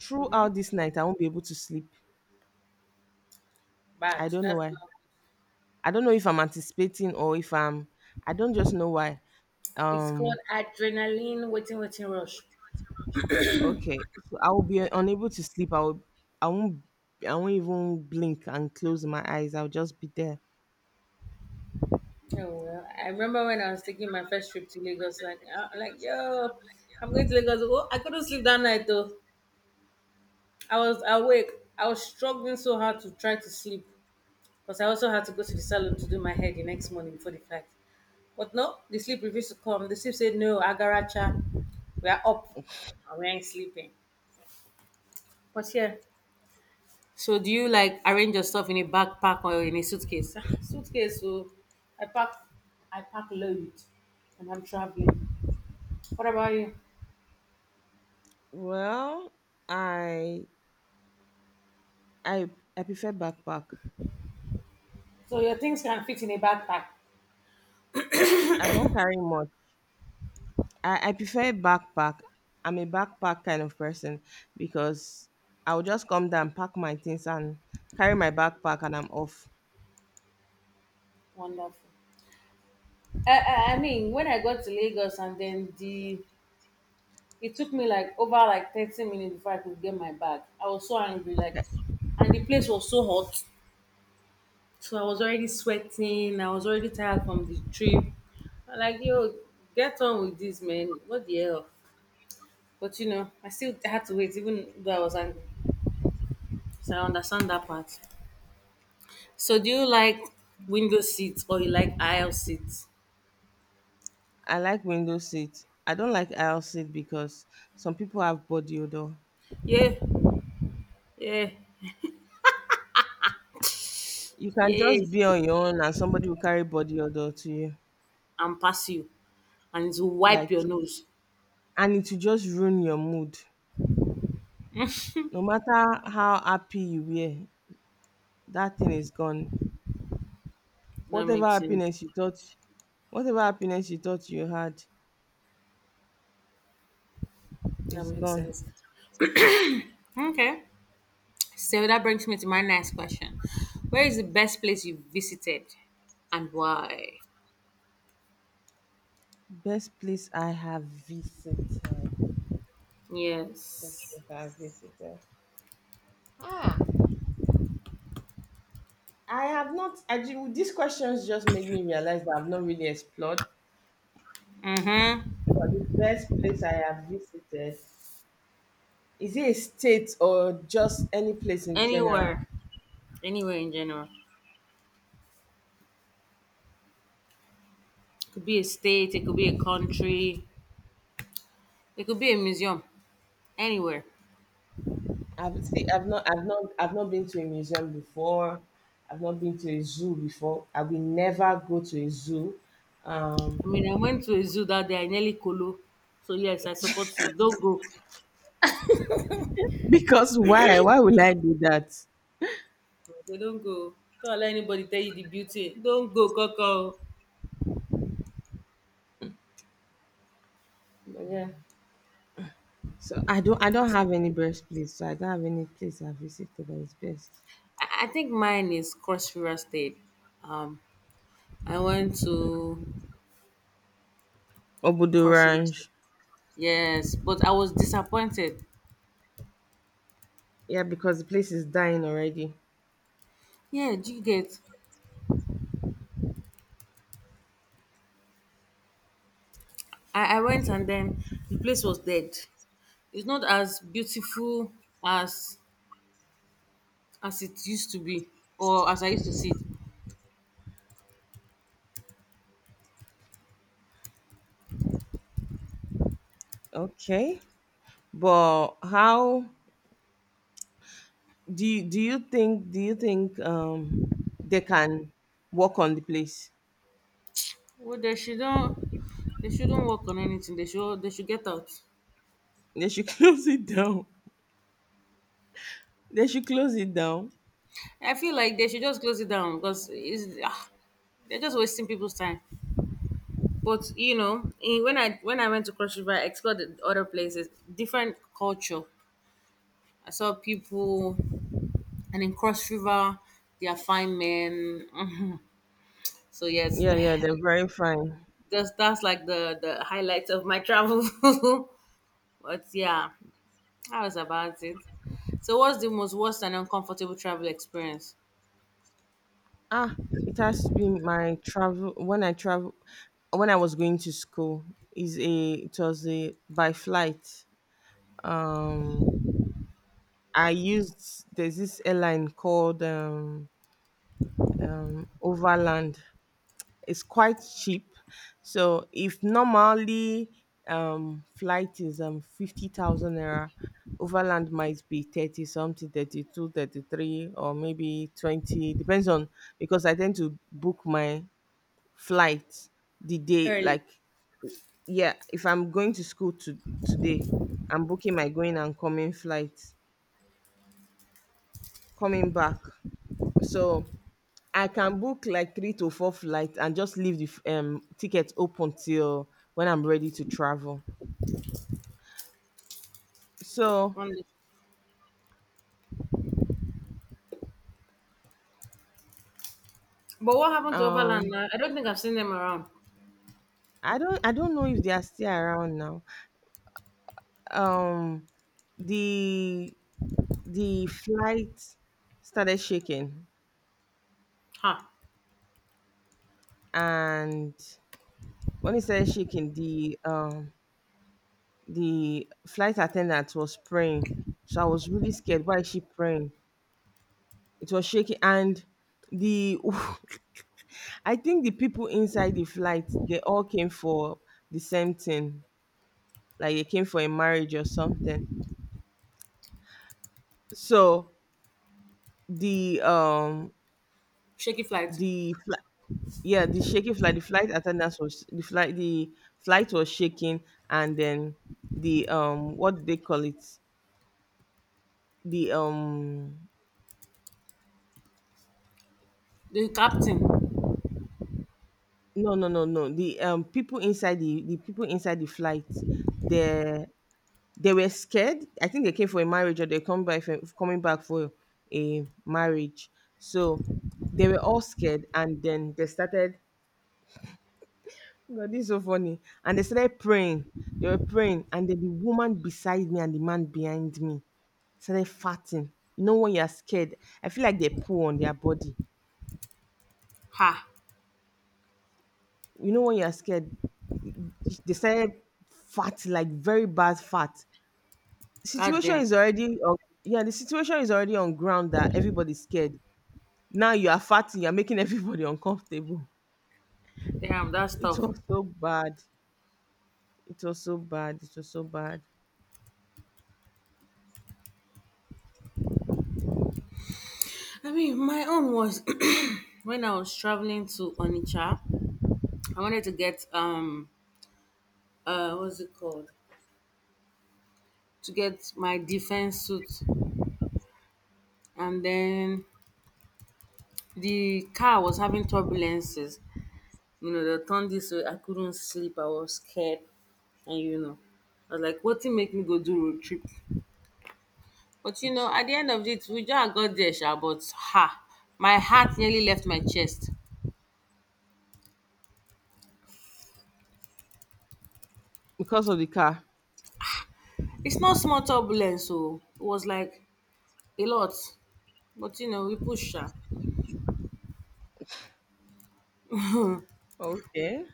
Speaker 1: throughout this night I won't be able to sleep. I
Speaker 2: Bad.
Speaker 1: don't know
Speaker 2: That's
Speaker 1: why.
Speaker 2: not
Speaker 1: I don't know if I'm anticipating or if I'm. I don't just know why.
Speaker 2: it's called
Speaker 1: Um,
Speaker 2: adrenaline waiting rush.
Speaker 1: Okay, so I will be unable to sleep. I won't, I won't even blink and close my eyes. I'll just be there.
Speaker 2: Oh well. I remember when I was taking my first trip to Lagos, like yo, I'm going to Lagos. Oh, I couldn't sleep that night though. I was awake. I was struggling so hard to try to sleep, because I also had to go to the salon to do my hair the next morning before the flight. But no, the sleep refused to come. The sleep said, no, Agaracha, we are up and we ain't sleeping. But yeah. So do you like arrange your stuff in a backpack or in a suitcase? Suitcase, so I pack I pack load and I'm traveling. What about you?
Speaker 1: Well, I, I, I prefer backpack.
Speaker 2: So your things can fit in a backpack.
Speaker 1: I don't carry much. I prefer backpack. I'm a backpack kind of person, because I'll just come down, pack my things, and carry my backpack, and I'm off.
Speaker 2: Wonderful. I, I mean, when I got to Lagos and then the it took me like over like 30 minutes before I could get my bag. I was so angry, like,
Speaker 1: I
Speaker 2: and the place was so hot. So I was already sweating. I was already tired from the trip. I'm like, yo, get on with this, man. What the hell? But you know, I still had to wait, even though I was angry. So I understand that part. So do you like window seats or you like aisle seats?
Speaker 1: I like window seat. I don't like aisle seat because some people have body odor.
Speaker 2: Yeah, yeah,
Speaker 1: You can
Speaker 2: yeah.
Speaker 1: just be on your own and somebody will carry body odor to you.
Speaker 2: And pass you. And it will wipe
Speaker 1: Like,
Speaker 2: your nose.
Speaker 1: and it will just ruin your mood. No matter how happy you were, that thing is gone.
Speaker 2: That
Speaker 1: Whatever
Speaker 2: makes sense.
Speaker 1: happiness you thought Whatever happiness you thought you had
Speaker 2: That
Speaker 1: is
Speaker 2: makes
Speaker 1: gone.
Speaker 2: sense. Okay. So that brings me to my next question. Where is the best place you've visited and why?
Speaker 1: Best place I have visited. Best
Speaker 2: Yes.
Speaker 1: place I have visited. I have not. These questions just made me realize that I've not really explored.
Speaker 2: Mm-hmm.
Speaker 1: But the best place I have visited, is it a state or just any place in general?
Speaker 2: Anywhere. Anywhere in general. Could be a state, it could be a country, it could be a museum, anywhere.
Speaker 1: I've see I've not I've not I've not been to a museum before. I've not been to a zoo before. I will never go to a zoo. Um,
Speaker 2: I mean, I went to a zoo that day. I nearly colo. So yes, I support you. Don't go.
Speaker 1: because why? Why would I do that?
Speaker 2: They don't go. Don't let anybody tell you the beauty. Don't go, Coco. But yeah.
Speaker 1: So I don't have any best place. So I don't have any place I've visited that is best.
Speaker 2: I think mine is Cross River State. Um, I went to
Speaker 1: Obudu
Speaker 2: Crush sugar
Speaker 1: Ranch.
Speaker 2: syrup. Yes, but I was disappointed.
Speaker 1: Yeah, because the place is dying already.
Speaker 2: Yeah, do you get? I went and then the place was dead. It's not as beautiful as as it used to be or as I used to see it.
Speaker 1: Okay. But how do do you think, um, they can work on the place,
Speaker 2: Well, they shouldn't work on anything. They should get out.
Speaker 1: they should close it down, they should close it down.
Speaker 2: I feel like they should just close it down because it's they're just wasting people's time. But you know, in, when I went to Cross River, I explored the other places, different culture. I saw people. And in Cross River, they are fine men. Mhm. So yes,
Speaker 1: Yeah, yeah, they're very fine.
Speaker 2: that's like the highlight of my travel. But yeah, that was about it. So what's the most worst and uncomfortable travel experience?
Speaker 1: Ah, it has to be my travel when I travel, when I was going to school. Is a It was a by flight. um I used, there's this airline called Overland. It's quite cheap. So if normally flight is 50,000 naira, Overland might be 30 something, 32, 33, or maybe 20, depends on, because I tend to book my flight the day
Speaker 2: Early,
Speaker 1: like, yeah, if I'm going to school to today, I'm booking my going and coming flight, coming back. So I can book like three to four flights and just leave the ticket open till when I'm ready to travel. So
Speaker 2: one day. But what happened to Overland now?
Speaker 1: um
Speaker 2: I don't think I've seen them around.
Speaker 1: I don't know if they are still around now. Um the flight started shaking,
Speaker 2: Ha,
Speaker 1: and when it started shaking, the the flight attendant was praying. So I was really scared. Why is she praying? It was shaking, and the I think the people inside the flight, they all came for the same thing, like they came for a marriage or something. So the um
Speaker 2: shaky flight.
Speaker 1: the fli- yeah the shaking flight, the flight was shaking, and then the what do they call it, the
Speaker 2: The captain.
Speaker 1: no, the people inside the people inside the flight, they they were scared. I think they came for a marriage, or they come back for, coming back for a marriage. So they were all scared, and then they started. God, this is so funny. And they started praying. They were praying, and then the woman beside me and the man behind me started farting. You know when you are scared, I feel like they pull on their body.
Speaker 2: Ha,
Speaker 1: You know when you are scared, they started fat, like very bad fat.
Speaker 2: god
Speaker 1: Situation
Speaker 2: damn.
Speaker 1: is already on, yeah. The situation is already on ground that everybody's scared. Now you are farting, you're making everybody uncomfortable.
Speaker 2: Damn, that's
Speaker 1: It
Speaker 2: tough.
Speaker 1: was so bad. It was so bad. It was so bad.
Speaker 2: I mean, my own was when I was traveling to Onitsha. I wanted to get what's it called, to get my defense suit, and then the car was having turbulences. You know, they turned this way, I couldn't sleep, I was scared. And you know, I was like, what thing make me go do road trip? But you know, at the end of it we just got there sha, but ha, my heart nearly left my chest.
Speaker 1: Because of the car.
Speaker 2: It's not small turbulence, so it was like a lot. But you know, we push sha.
Speaker 1: Okay.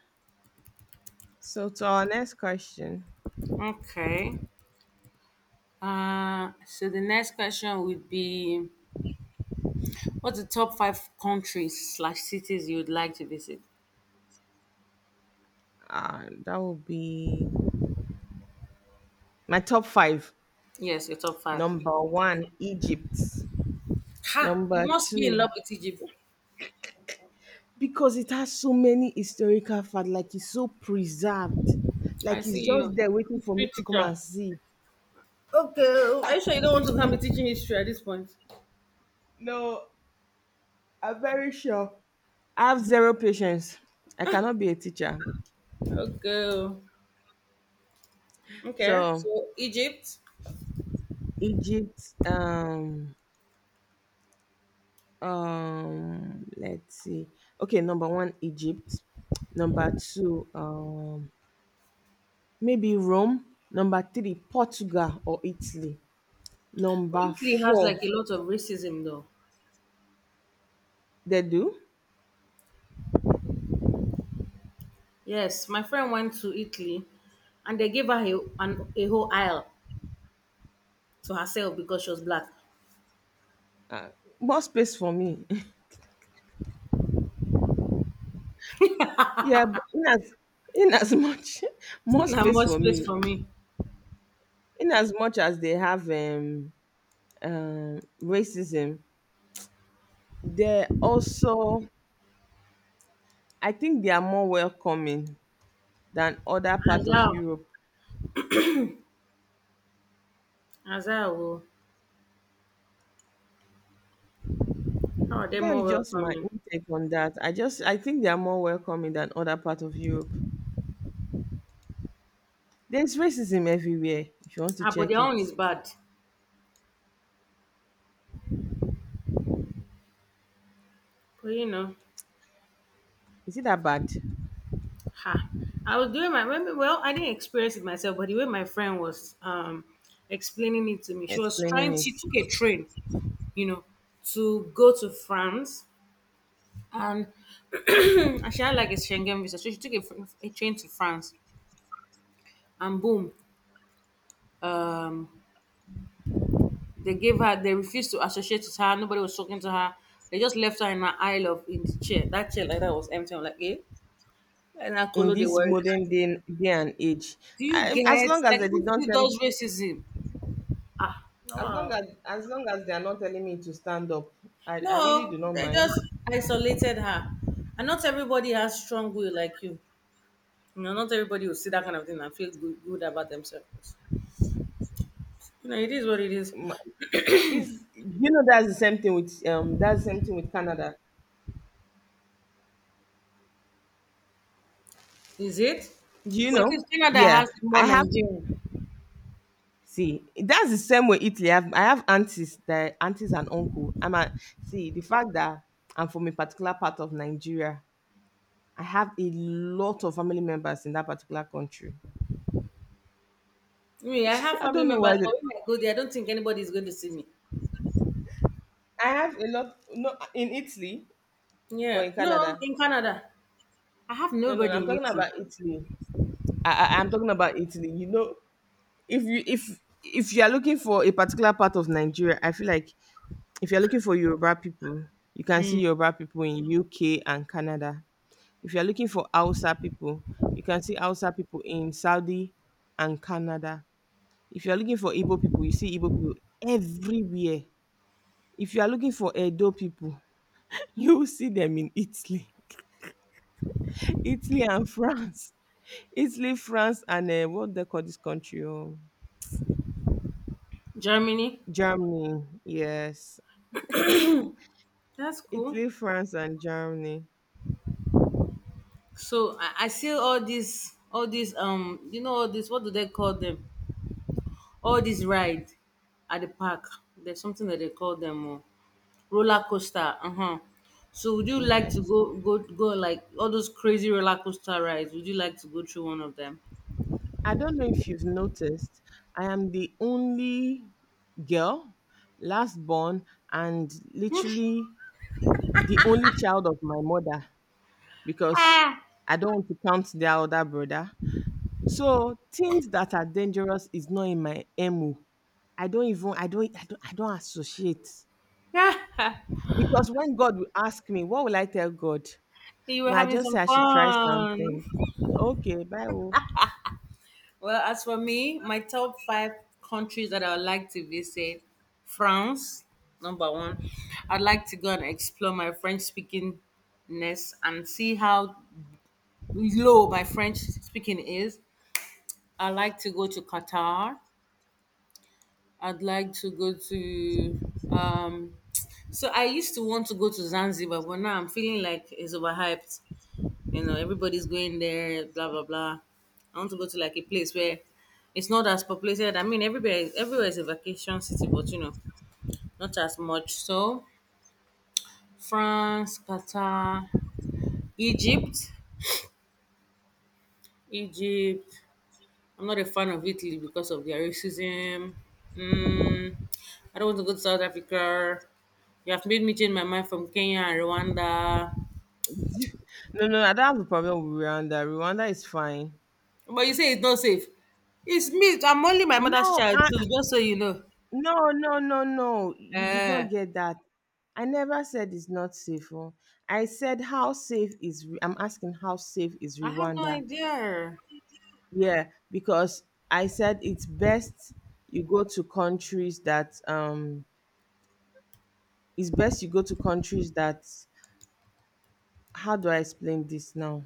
Speaker 1: So to our next question,
Speaker 2: Okay. So the next question would be, what's the top five countries slash cities you'd like to visit?
Speaker 1: that will be my top five.
Speaker 2: Yes, your top five.
Speaker 1: Number one, Egypt.
Speaker 2: Ha! You
Speaker 1: Number
Speaker 2: must be in
Speaker 1: two,
Speaker 2: love with Egypt.
Speaker 1: because it has so many historical facts, like it's so preserved,
Speaker 2: I
Speaker 1: like
Speaker 2: see
Speaker 1: it's
Speaker 2: you.
Speaker 1: just there waiting for me
Speaker 2: History
Speaker 1: to come
Speaker 2: teacher.
Speaker 1: and see.
Speaker 2: Okay. Are you sure you don't want to come be teaching history at this point?
Speaker 1: No, I'm very sure. I have zero patience. I cannot be a teacher.
Speaker 2: Okay. Okay.
Speaker 1: So
Speaker 2: So Egypt.
Speaker 1: Egypt, let's see. Okay, number one, Egypt. Number two, maybe Rome. Number three, Portugal or Italy.
Speaker 2: But
Speaker 1: Number
Speaker 2: Italy has
Speaker 1: four,
Speaker 2: like a lot of racism though.
Speaker 1: they do.
Speaker 2: Yes, my friend went to Italy and they gave her a whole aisle to herself because she was black.
Speaker 1: Uh, more space for me. Yeah, but in as much more
Speaker 2: Still not
Speaker 1: space
Speaker 2: much
Speaker 1: for
Speaker 2: space
Speaker 1: me.
Speaker 2: for me.
Speaker 1: In as much as they have racism, they also, I think, they are more welcoming than other
Speaker 2: As
Speaker 1: part of
Speaker 2: how?
Speaker 1: Europe.
Speaker 2: As how? How are they
Speaker 1: That
Speaker 2: more
Speaker 1: is just my
Speaker 2: welcoming?
Speaker 1: intake on that. I think they are more welcoming than other part of Europe. There's racism everywhere. If you want to
Speaker 2: Ah, but their
Speaker 1: check
Speaker 2: own is
Speaker 1: it,
Speaker 2: bad. But you know,
Speaker 1: is it that bad?
Speaker 2: ha. I was doing my well. I didn't experience it myself, but the way my friend was explaining it to me, she was
Speaker 1: Explaining
Speaker 2: trying.
Speaker 1: it
Speaker 2: She took a train, you know, to go to France, and and she had like a Schengen visa, so she took a train to France, and boom, um, they gave her. They refused to associate with her. Nobody was talking to her. They just left her in an aisle of in the chair. That chair like that was empty. I'm like, eh, and I
Speaker 1: in
Speaker 2: colo they
Speaker 1: this
Speaker 2: were.
Speaker 1: modern day, day and age,
Speaker 2: Do you
Speaker 1: I, as
Speaker 2: get
Speaker 1: long as
Speaker 2: like
Speaker 1: they did
Speaker 2: who
Speaker 1: not
Speaker 2: still does
Speaker 1: tell,
Speaker 2: racism? Ah,
Speaker 1: as long
Speaker 2: wow.
Speaker 1: as as long as they are not telling me to stand up, I really
Speaker 2: No,
Speaker 1: do not
Speaker 2: they
Speaker 1: mind.
Speaker 2: just isolated her. And not everybody has strong will like you. You know, not everybody will see that kind of thing and feel good, good about themselves. You know, it is what it is.
Speaker 1: My- Is you know that's the same thing with Canada.
Speaker 2: Is it?
Speaker 1: Do you
Speaker 2: But at
Speaker 1: know?
Speaker 2: least Canada
Speaker 1: Yeah,
Speaker 2: has more
Speaker 1: I have.
Speaker 2: Nigerian.
Speaker 1: See, that's the same way Italy. I have aunties, that aunties and uncle. I'm a, see the fact that I'm from a particular part of Nigeria. I have a lot of family members in that particular country.
Speaker 2: Me, I have
Speaker 1: I
Speaker 2: family
Speaker 1: don't know
Speaker 2: members,
Speaker 1: why. They-
Speaker 2: but when I go there, I don't think anybody is going to see me.
Speaker 1: I have a lot. No, in Italy or
Speaker 2: Yeah.
Speaker 1: in
Speaker 2: No,
Speaker 1: Canada.
Speaker 2: in Canada. I have
Speaker 1: No, no,
Speaker 2: nobody
Speaker 1: I'm
Speaker 2: in
Speaker 1: talking
Speaker 2: Italy.
Speaker 1: about Italy. I'm talking about Italy. You know, if you if you are looking for a particular part of Nigeria, I feel like if you're looking for Yoruba people, you can see
Speaker 2: Mm.
Speaker 1: Yoruba people in UK and Canada. If you're looking for Hausa people, you can see Hausa people in Saudi and Canada. If you're looking for Igbo people, you see Igbo people everywhere. If you are looking for Edo people, you will see them in Italy, Italy and France, Italy, France, and what they call this country, oh,
Speaker 2: Germany.
Speaker 1: Germany. Yes,
Speaker 2: That's cool.
Speaker 1: Italy, France, and Germany.
Speaker 2: So I see all these, you know, all this. What do they call them? All these ride at the park. There's something that they call them roller coaster. Uh huh. So would you like to
Speaker 1: Yes.
Speaker 2: go like all those crazy roller coaster rides? Would you like to go through one of them?
Speaker 1: I don't know if you've noticed, I am the only girl, last born, and literally the only child of my mother because
Speaker 2: Ah,
Speaker 1: I don't want to count the other brother. So things that are dangerous is not in my MO. I don't even I don't I don't I don't associate. Because when God will ask me, what will I tell God?
Speaker 2: you were
Speaker 1: No, I
Speaker 2: having
Speaker 1: just say
Speaker 2: some
Speaker 1: I should try
Speaker 2: fun.
Speaker 1: something. No, okay, bye. Oh.
Speaker 2: Well, as for me, my top five countries that I would like to visit, France, number one. I'd like to go and explore my French speakingness and see how low my French speaking is. I'd like to go to Qatar. I'd like to go to. Um, so I used to want to go to Zanzibar, but now I'm feeling like it's overhyped. You know, everybody's going there, blah blah blah. I want to go to like a place where it's not as populated. I mean, everywhere everywhere is a vacation city, but you know, not as much. So, France, Qatar, Egypt, Egypt. I'm not a fan of Italy because of their racism. Mm, I don't want to go to South Africa. You have made me change my mind from Kenya and Rwanda.
Speaker 1: No, no, no, I don't have a problem with Rwanda. Rwanda is fine.
Speaker 2: But you say it's not safe. It's me, I'm only my mother's
Speaker 1: No,
Speaker 2: child,
Speaker 1: I,
Speaker 2: so just so you know.
Speaker 1: No, no, no, no. You did
Speaker 2: Eh.
Speaker 1: not get that. I never said it's not safe. Oh. I said how safe is Ru- I'm asking how safe is
Speaker 2: I have no
Speaker 1: Rwanda.
Speaker 2: idea.
Speaker 1: Yeah, because I said it's best you go to countries that it's best you go to countries that how do I explain this now?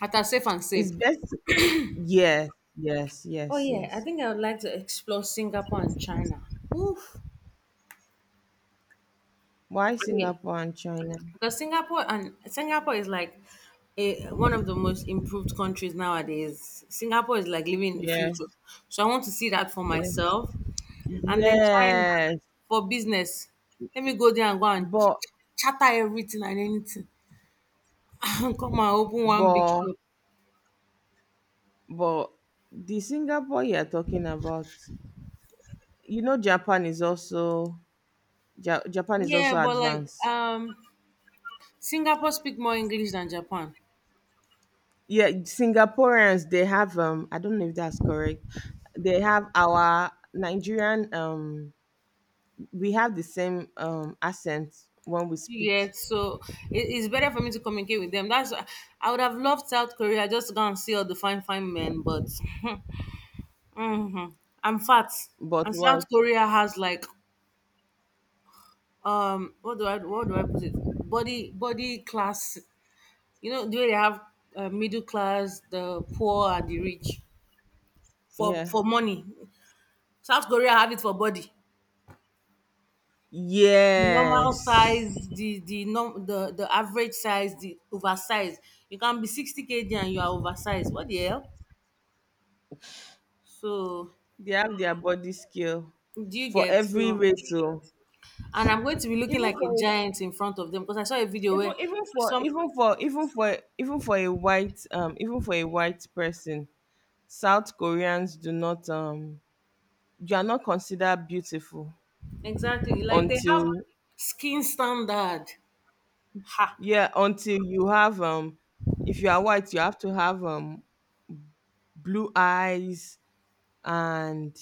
Speaker 2: At a safe and safe.
Speaker 1: It's best, yes, yes,
Speaker 2: Oh
Speaker 1: yes,
Speaker 2: yeah, I
Speaker 1: yes.
Speaker 2: think I would like to explore Singapore and China. Oof.
Speaker 1: Why
Speaker 2: I mean,
Speaker 1: Singapore and China?
Speaker 2: because Singapore and Singapore is like a, one of the most improved countries nowadays. Singapore is like living in the
Speaker 1: Yeah,
Speaker 2: future. So I want to see that for
Speaker 1: yeah.
Speaker 2: myself. And then China
Speaker 1: Yes.
Speaker 2: for business. Let me go there and go and
Speaker 1: But
Speaker 2: chatter everything and anything. And come and open one big
Speaker 1: but
Speaker 2: shop.
Speaker 1: But the Singapore you are talking about, you know, Japan is also ja- Japan is
Speaker 2: Yeah,
Speaker 1: also
Speaker 2: but like
Speaker 1: advanced.
Speaker 2: Singapore speak more English than Japan.
Speaker 1: Yeah, Singaporeans they have I don't know if that's correct. They have our Nigerian we have the same accent when we speak,
Speaker 2: Yes, so it's better for me to communicate with them. That's I would have loved South Korea just to go and see all the fine fine men, but hmm, I'm fat,
Speaker 1: but
Speaker 2: and
Speaker 1: what?
Speaker 2: South Korea has like what do I put it, body body class. You know the way they have middle class, the poor and the rich
Speaker 1: Yeah.
Speaker 2: for money. South Korea have it for body. The normal
Speaker 1: Yes.
Speaker 2: size, the norm, the average size, the oversized. You can be 60 kg and you are oversized. What the hell? So
Speaker 1: They have their body skill
Speaker 2: do you
Speaker 1: for
Speaker 2: get
Speaker 1: every
Speaker 2: so?
Speaker 1: race. So
Speaker 2: And I'm going to be looking
Speaker 1: even
Speaker 2: like a
Speaker 1: for
Speaker 2: giant in front of them because I saw a video where
Speaker 1: even for
Speaker 2: some
Speaker 1: even for even for even for a white even for a white person, south koreans do not you are not considered beautiful
Speaker 2: exactly like they have
Speaker 1: until
Speaker 2: skin standard. Ha!
Speaker 1: yeah until you have if you are white you have to have blue eyes and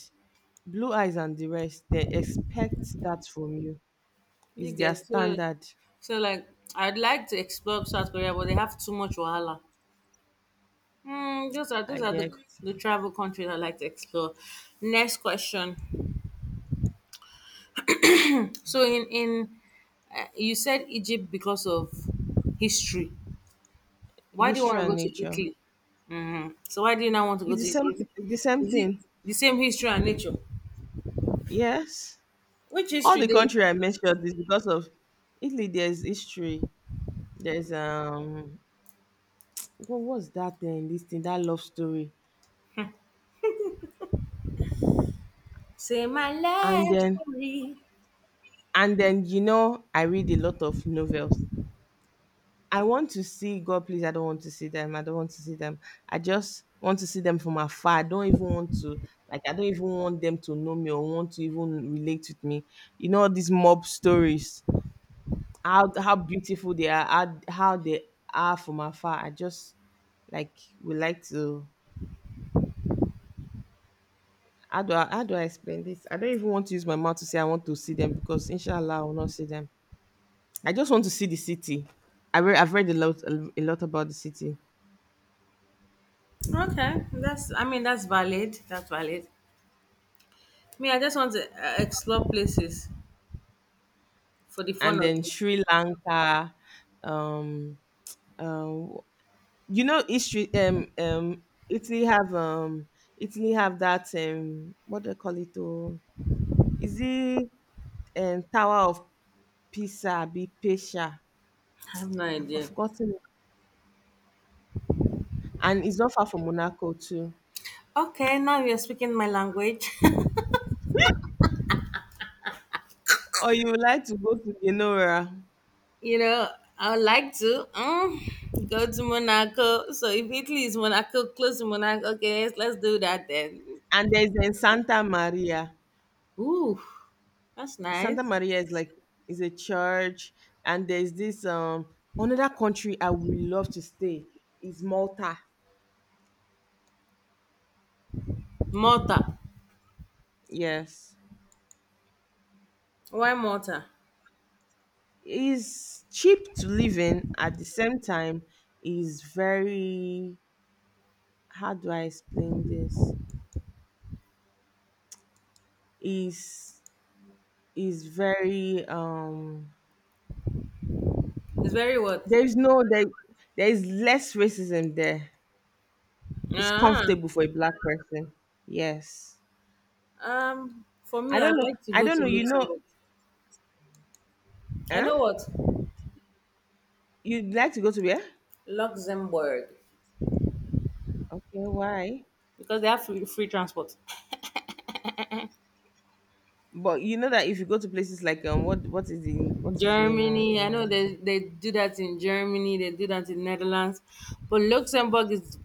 Speaker 1: blue eyes and the rest they expect that from you
Speaker 2: You
Speaker 1: is their
Speaker 2: get so
Speaker 1: standard.
Speaker 2: so like, I'd like to explore South Korea, but they have too much wahala. Hmm, those
Speaker 1: I
Speaker 2: are
Speaker 1: get
Speaker 2: the travel countries I like to explore. Next question. So in you said Egypt because of history. Why do you
Speaker 1: history
Speaker 2: want to
Speaker 1: and
Speaker 2: go to
Speaker 1: nature.
Speaker 2: Italy? Hmm, so why do you not want to go
Speaker 1: It's the
Speaker 2: to Italy?
Speaker 1: same, the same
Speaker 2: Is
Speaker 1: thing,
Speaker 2: it the same history and nature?
Speaker 1: yes.
Speaker 2: Which
Speaker 1: All
Speaker 2: history
Speaker 1: the
Speaker 2: they
Speaker 1: country I mentioned is because of Italy. There's history. There's what was that then? This thing, that love story,
Speaker 2: say my
Speaker 1: and
Speaker 2: life
Speaker 1: then,
Speaker 2: story?
Speaker 1: and then, you know, I read a lot of novels. I want to see God, please. I don't want to see them. I don't want to see them. I just want to see them from afar. I don't even want to, like. I don't even want them to know me or want to even relate with me. You know all these mob stories. How beautiful they are, how they are from afar. I just, like, would like to. How do I explain this? I don't even want to use my mouth to say I want to see them because inshallah I will not see them. I just want to see the city. I re- I've read a lot, a lot about the city,
Speaker 2: Okay, that's, I mean, that's valid. That's valid. Me, I just want to explore places for the fun
Speaker 1: and
Speaker 2: of
Speaker 1: then
Speaker 2: it.
Speaker 1: Sri Lanka. Um, um, you know, history. Italy have um, Italy have that what do they call it? Oh, is it Tower of Pisa, abi Pescia.
Speaker 2: I have no
Speaker 1: I've
Speaker 2: idea.
Speaker 1: forgotten it. And it's not far from Monaco too.
Speaker 2: Okay, now you're speaking my language.
Speaker 1: Or you would like to go to Genoa.
Speaker 2: You know, I would like to go to Monaco. So if Italy is Monaco, close to Monaco, okay, let's do that then.
Speaker 1: And there's in Santa Maria.
Speaker 2: Ooh, that's
Speaker 1: Santa
Speaker 2: nice.
Speaker 1: Maria is like is a church. And there's this another country I would love to stay is Malta.
Speaker 2: Malta.
Speaker 1: Yes.
Speaker 2: Why Malta?
Speaker 1: It's cheap to live in, at the same time is very, how do I explain this? Is is very
Speaker 2: It's very what?
Speaker 1: there's no there, there is less racism there. It's
Speaker 2: Ah,
Speaker 1: comfortable for a black person. Yes.
Speaker 2: for
Speaker 1: I
Speaker 2: me, I'd
Speaker 1: don't know.
Speaker 2: like to
Speaker 1: I
Speaker 2: go
Speaker 1: don't
Speaker 2: to
Speaker 1: know. You
Speaker 2: Luxembourg.
Speaker 1: know,
Speaker 2: I
Speaker 1: huh?
Speaker 2: know what.
Speaker 1: You'd like to go to where?
Speaker 2: Luxembourg
Speaker 1: Okay, why?
Speaker 2: because they have free, free transport.
Speaker 1: But you know that if you go to places like what what is the name
Speaker 2: Germany. I know they do that in Germany. They do that in Netherlands, but Luxembourg is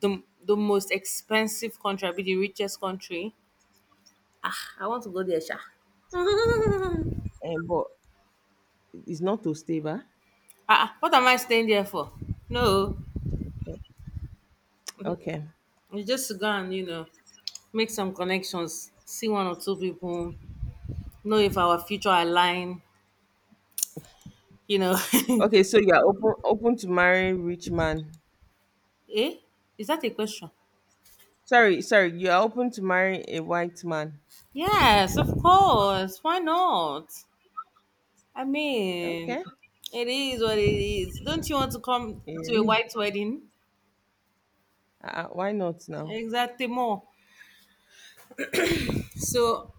Speaker 2: the most expensive country, be the richest country. Ah, I want to go there, Sha.
Speaker 1: eh, but it's not to stay back.
Speaker 2: Ah, what am I staying there for? No,
Speaker 1: Okay,
Speaker 2: it's just to go and you know, make some connections, see one or two people, know if our future align. You know,
Speaker 1: okay. So you are open, open to marrying rich man.
Speaker 2: eh? Is that a question?
Speaker 1: Sorry, sorry. You are open to marrying a white man.
Speaker 2: Yes, of course. Why not? I mean,
Speaker 1: Okay.
Speaker 2: it is what it is. Don't you want to come to a
Speaker 1: Eh,
Speaker 2: white wedding?
Speaker 1: uh, why not now?
Speaker 2: Exactly more. So,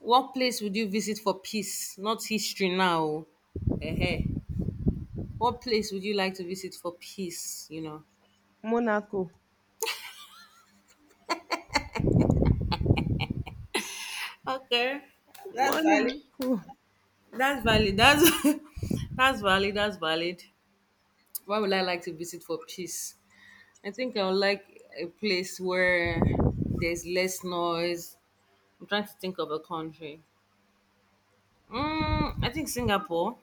Speaker 2: what place would you visit for peace? Not history now. Eh. What place would you like to visit for peace? You know.
Speaker 1: Monaco.
Speaker 2: Okay, that's valid.
Speaker 1: Monaco.
Speaker 2: That's valid. That's that's valid. That's valid. Why would I like to visit for peace? I think I would like a place where there's less noise. I'm trying to think of a country. Mm, I think Singapore,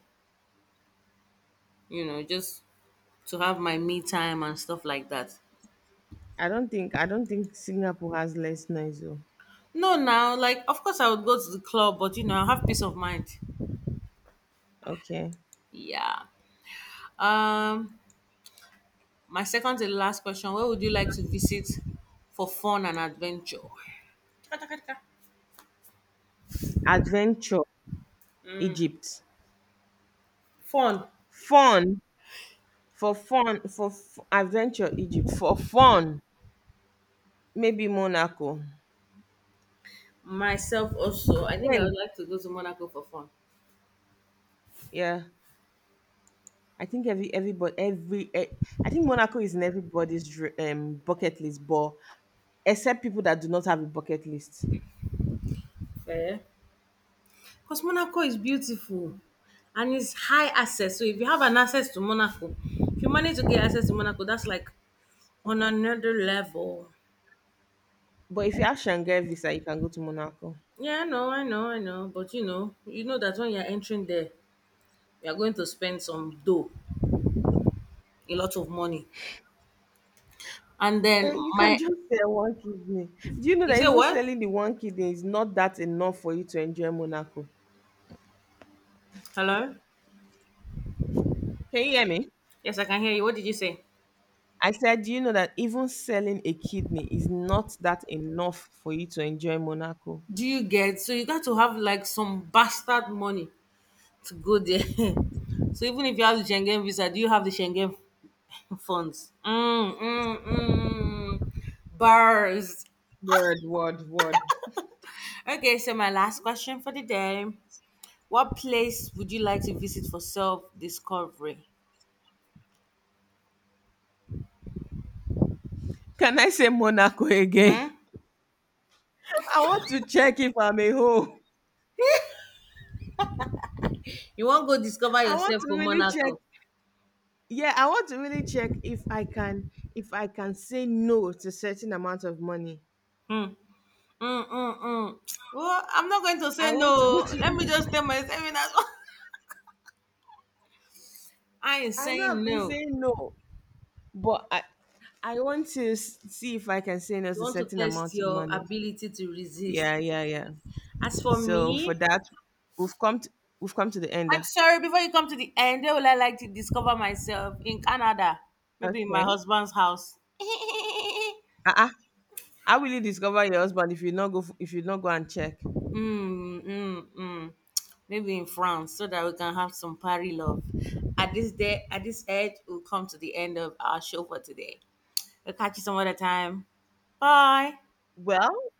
Speaker 2: you know, just to have my me time and stuff like that.
Speaker 1: I don't think Singapore has less noise though.
Speaker 2: No, now, like, of course, I would go to the club, but you know, I have peace of mind.
Speaker 1: Okay.
Speaker 2: Yeah. Um, my second to the last question: where would you like to visit for fun and adventure?
Speaker 1: Adventure Egypt.
Speaker 2: Fun.
Speaker 1: Fun, for fun for f- adventure Egypt for fun. Maybe Monaco.
Speaker 2: Myself also.
Speaker 1: But
Speaker 2: I think I would
Speaker 1: then,
Speaker 2: like to go to Monaco for fun.
Speaker 1: yeah, I think every everybody, I think Monaco is in everybody's dr- bucket list, but except people that do not have a bucket list.
Speaker 2: Fair. Because Monaco is beautiful and it's high access. So if you have an access to Monaco, if you manage to get access to Monaco, that's like on another level.
Speaker 1: But if you have Schengen visa, you can go to Monaco.
Speaker 2: Yeah, I know, I know, I know. But you know that when you're entering there, you're going to spend some dough, a lot of money. And then
Speaker 1: And you can
Speaker 2: my,
Speaker 1: just sell one kidney. Do you know
Speaker 2: you
Speaker 1: that
Speaker 2: say
Speaker 1: even
Speaker 2: what?
Speaker 1: selling the one kidney is not that enough for you to enjoy Monaco?
Speaker 2: Hello?
Speaker 1: Can you hear me?
Speaker 2: Yes, I can hear you. What did you say?
Speaker 1: I said, do you know that even selling a kidney is not that enough for you to enjoy Monaco?
Speaker 2: Do you get so, you got to have like some bastard money to go there. So even if you have the Schengen visa, do you have the Schengen funds? Mm, mm, mm. Bars.
Speaker 1: Word, word, word.
Speaker 2: Okay, so my last question for the day. What place would you like to visit for self discovery?
Speaker 1: Can I say Monaco again?
Speaker 2: Hmm?
Speaker 1: I want to check if I'm a hoe.
Speaker 2: You won't go discover
Speaker 1: I want
Speaker 2: yourself
Speaker 1: to
Speaker 2: for
Speaker 1: really check.
Speaker 2: Monaco.
Speaker 1: Yeah, I want to really check if I can, if I can say no to certain amount of money.
Speaker 2: Hmm. Mm, mm, mm. Well, I'm not going to
Speaker 1: I
Speaker 2: say
Speaker 1: want to go
Speaker 2: no. Let me
Speaker 1: to
Speaker 2: just tell myself that. I ain't
Speaker 1: I know
Speaker 2: saying
Speaker 1: I've been
Speaker 2: no.
Speaker 1: saying no. But I want to s- see if I can send us
Speaker 2: You
Speaker 1: a
Speaker 2: want to
Speaker 1: certain
Speaker 2: test
Speaker 1: amount of
Speaker 2: your
Speaker 1: money.
Speaker 2: ability to resist.
Speaker 1: Yeah, yeah, yeah.
Speaker 2: As for
Speaker 1: So for
Speaker 2: me,
Speaker 1: that, we've come to, we've come to the end.
Speaker 2: I'm
Speaker 1: Ah?
Speaker 2: sorry, before you come to the end, where will I like to discover myself? In Canada, maybe in my
Speaker 1: Okay.
Speaker 2: husband's house.
Speaker 1: Uh-uh. How will you discover your husband if you not go f- if you not go and check?
Speaker 2: Mm, mm, mm. Maybe in France, so that we can have some party love. At this day, at this edge, we'll come to the end of our show for today. We'll catch you some other time. Bye.
Speaker 1: Well,